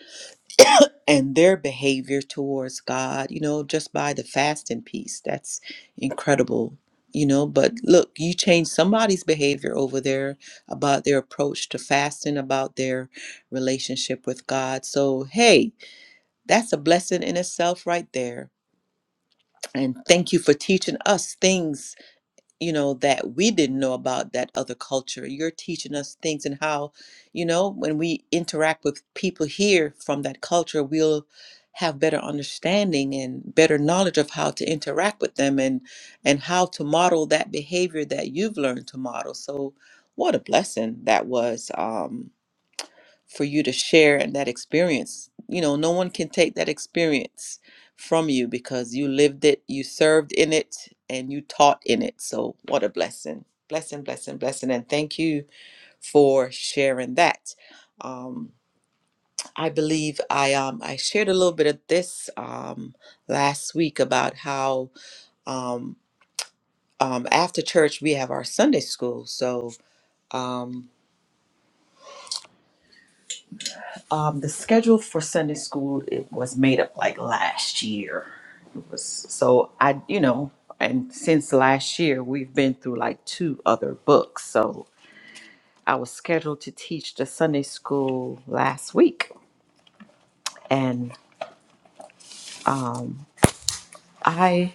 [SPEAKER 2] and their behavior towards God, you know, just by the fasting piece. That's incredible, you know. But look, you changed somebody's behavior over there about their approach to fasting, about their relationship with God. So, hey, that's a blessing in itself right there. And thank you for teaching us things you know that we didn't know about that other culture you're teaching us things and how you know when we interact with people here from that culture we'll have better understanding and better knowledge of how to interact with them and and how to model that behavior that you've learned to model so what a blessing that was Um for you to share in that experience. You know, no one can take that experience from you because you lived it, you served in it, and you taught in it. So, what a blessing. Blessing, blessing, blessing. And thank you for sharing that. Um, I believe I um, I shared a little bit of this um, last week about how um, um, after church we have our Sunday school. So um. Um, the schedule for Sunday school it was made up like last year. It was so I, you know, and since last year we've been through like two other books. So I was scheduled to teach the Sunday school last week, and um, I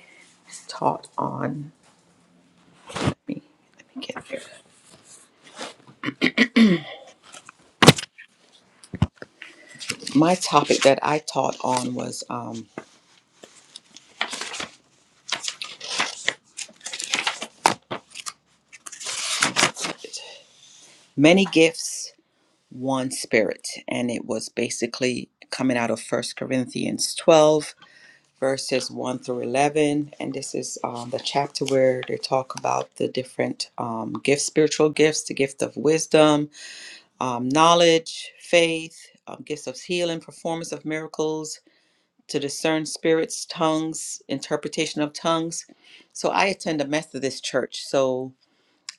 [SPEAKER 2] taught on. Let me, let me get there. My topic that I taught on was um, many gifts, one spirit, and it was basically coming out of First Corinthians twelve verses 1 through 11. And this is um, the chapter where they talk about the different um, gifts, spiritual gifts, the gift of wisdom, um, knowledge, faith, um, gifts of healing, performance of miracles, to discern spirits, tongues, interpretation of tongues. So I attend a Methodist church. So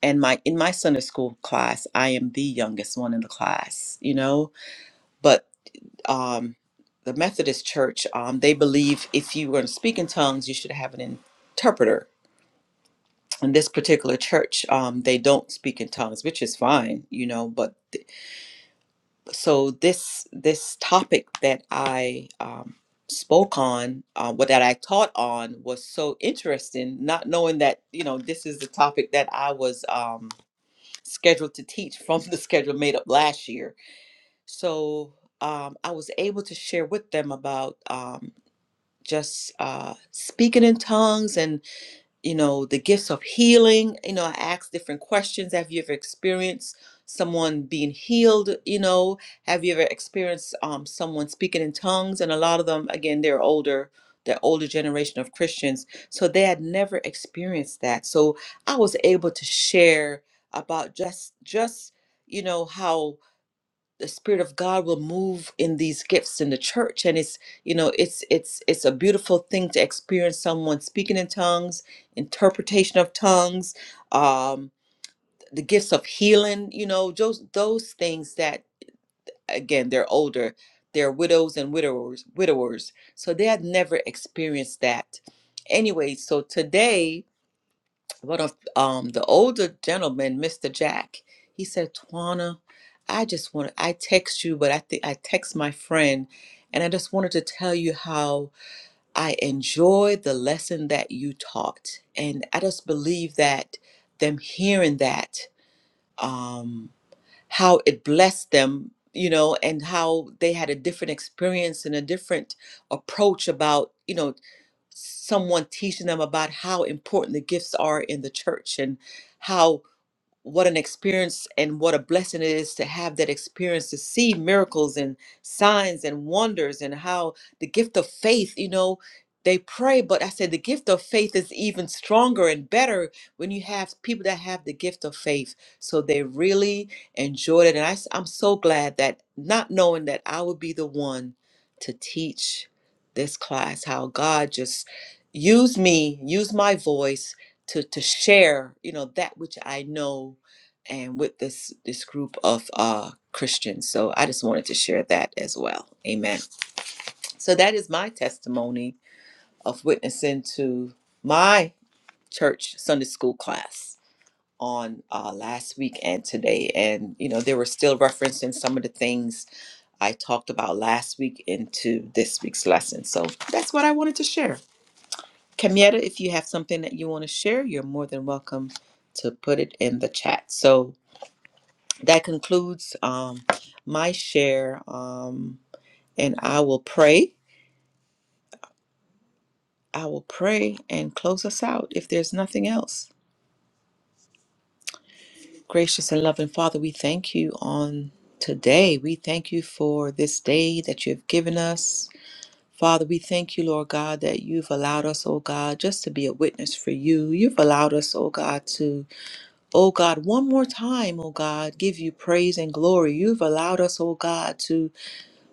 [SPEAKER 2] and my in my Sunday school class, I am the youngest one in the class, you know. But um, the Methodist Church, um, they believe if you were to speak in tongues, you should have an interpreter. In this particular church, um, they don't speak in tongues, which is fine, you know. But so this this topic that I um, spoke on, uh, what that I taught on, was so interesting. Not knowing that you know this is the topic that I was um, scheduled to teach from the schedule made up last year. So um, I was able to share with them about. um, just uh, speaking in tongues and you know the gifts of healing you know i ask different questions have you ever experienced someone being healed you know have you ever experienced um, someone speaking in tongues and a lot of them again they're older the older generation of christians so they had never experienced that so i was able to share about just just you know how the spirit of god will move in these gifts in the church and it's you know it's it's it's a beautiful thing to experience someone speaking in tongues interpretation of tongues um the gifts of healing you know those those things that again they're older they're widows and widowers widowers so they had never experienced that anyway so today but of um the older gentleman, Mr. Jack, he said, Twana, I just want I text you, but I think I text my friend and I just wanted to tell you how I enjoyed the lesson that you taught. And I just believe that them hearing that, um, how it blessed them, you know, and how they had a different experience and a different approach about, you know, someone teaching them about how important the gifts are in the church and how what an experience and what a blessing it is to have that experience to see miracles and signs and wonders and how the gift of faith you know they pray but i said the gift of faith is even stronger and better when you have people that have the gift of faith so they really enjoyed it and I, am so glad that not knowing that i would be the one to teach this class how god just used me used my voice to to share you know that which i know and with this this group of uh christians so i just wanted to share that as well amen so that is my testimony of witnessing to my church sunday school class on uh, last week and today and you know they were still referencing some of the things i talked about last week into this week's lesson so that's what i wanted to share Kamieta, if you have something that you want to share, you're more than welcome to put it in the chat. So that concludes um, my share, um, and I will pray. I will pray and close us out if there's nothing else. Gracious and loving Father, we thank you on today. We thank you for this day that you have given us. Father, we thank you, Lord God, that you've allowed us, oh God, just to be a witness for you. You've allowed us, oh God, to Oh God, one more time, oh God, give you praise and glory. You've allowed us, oh God, to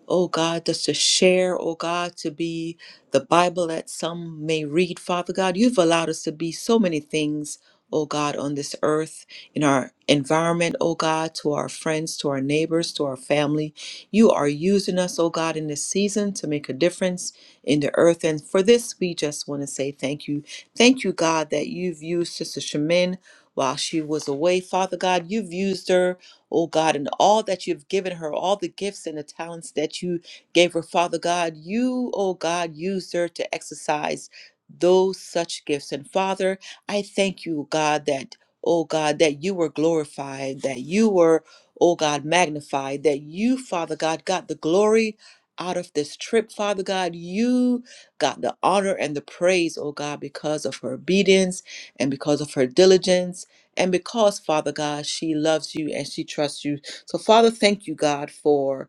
[SPEAKER 2] Oh God, just to share, oh God, to be the Bible that some may read, Father God. You've allowed us to be so many things, oh God, on this earth, in our environment, oh God, to our friends, to our neighbors, to our family. You are using us, oh God, in this season to make a difference in the earth. And for this, we just want to say thank you. Thank you, God, that you've used Sister Shemin while she was away. Father God, you've used her oh God, and all that you've given her, all the gifts and the talents that you gave her, Father God, you, oh God, used her to exercise those such gifts. And Father, I thank you, God, that, oh God, that you were glorified, that you were, oh God, magnified, that you, Father God, got the glory out of this trip, Father God. You got the honor and the praise, oh God, because of her obedience and because of her diligence and because, Father God, she loves you and she trusts you. So, Father, thank you, God, for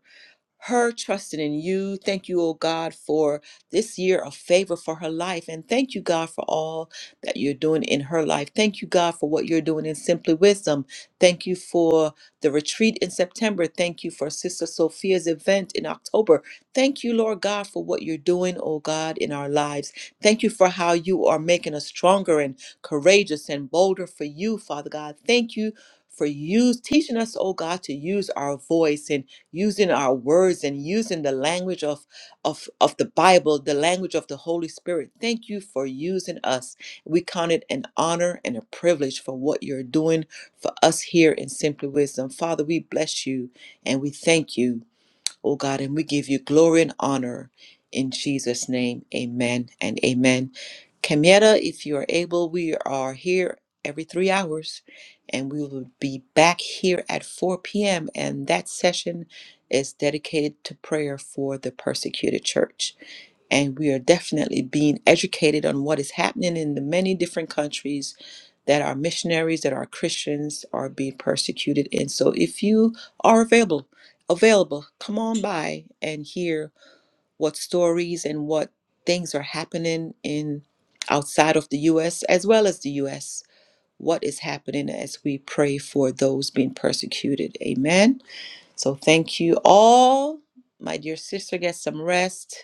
[SPEAKER 2] her trusting in you. Thank you, oh God, for this year of favor for her life. And thank you, God, for all that you're doing in her life. Thank you, God, for what you're doing in Simply Wisdom. Thank you for the retreat in September. Thank you for Sister Sophia's event in October. Thank you, Lord God, for what you're doing, oh God, in our lives. Thank you for how you are making us stronger and courageous and bolder for you, Father God. Thank you. For you teaching us, oh God, to use our voice and using our words and using the language of, of, of the Bible, the language of the Holy Spirit. Thank you for using us. We count it an honor and a privilege for what you're doing for us here in Simply Wisdom. Father, we bless you and we thank you oh God, and we give you glory and honor in Jesus' name. Amen and amen. Kamieta, if you are able, we are here every three hours and we will be back here at 4 p.m. And that session is dedicated to prayer for the persecuted church and we are definitely being educated on what is happening in the many different countries that our missionaries that our christians are being persecuted in so if you are available available come on by and hear what stories and what things are happening in outside of the us as well as the us what is happening as we pray for those being persecuted amen so thank you all my dear sister get some rest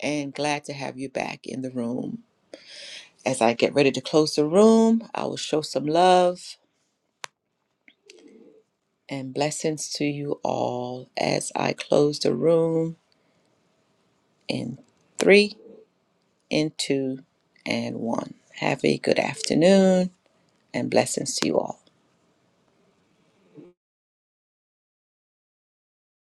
[SPEAKER 2] and glad to have you back in the room. As I get ready to close the room, I will show some love and blessings to you all as I close the room in three, in two, and one. Have a good afternoon and blessings to you all.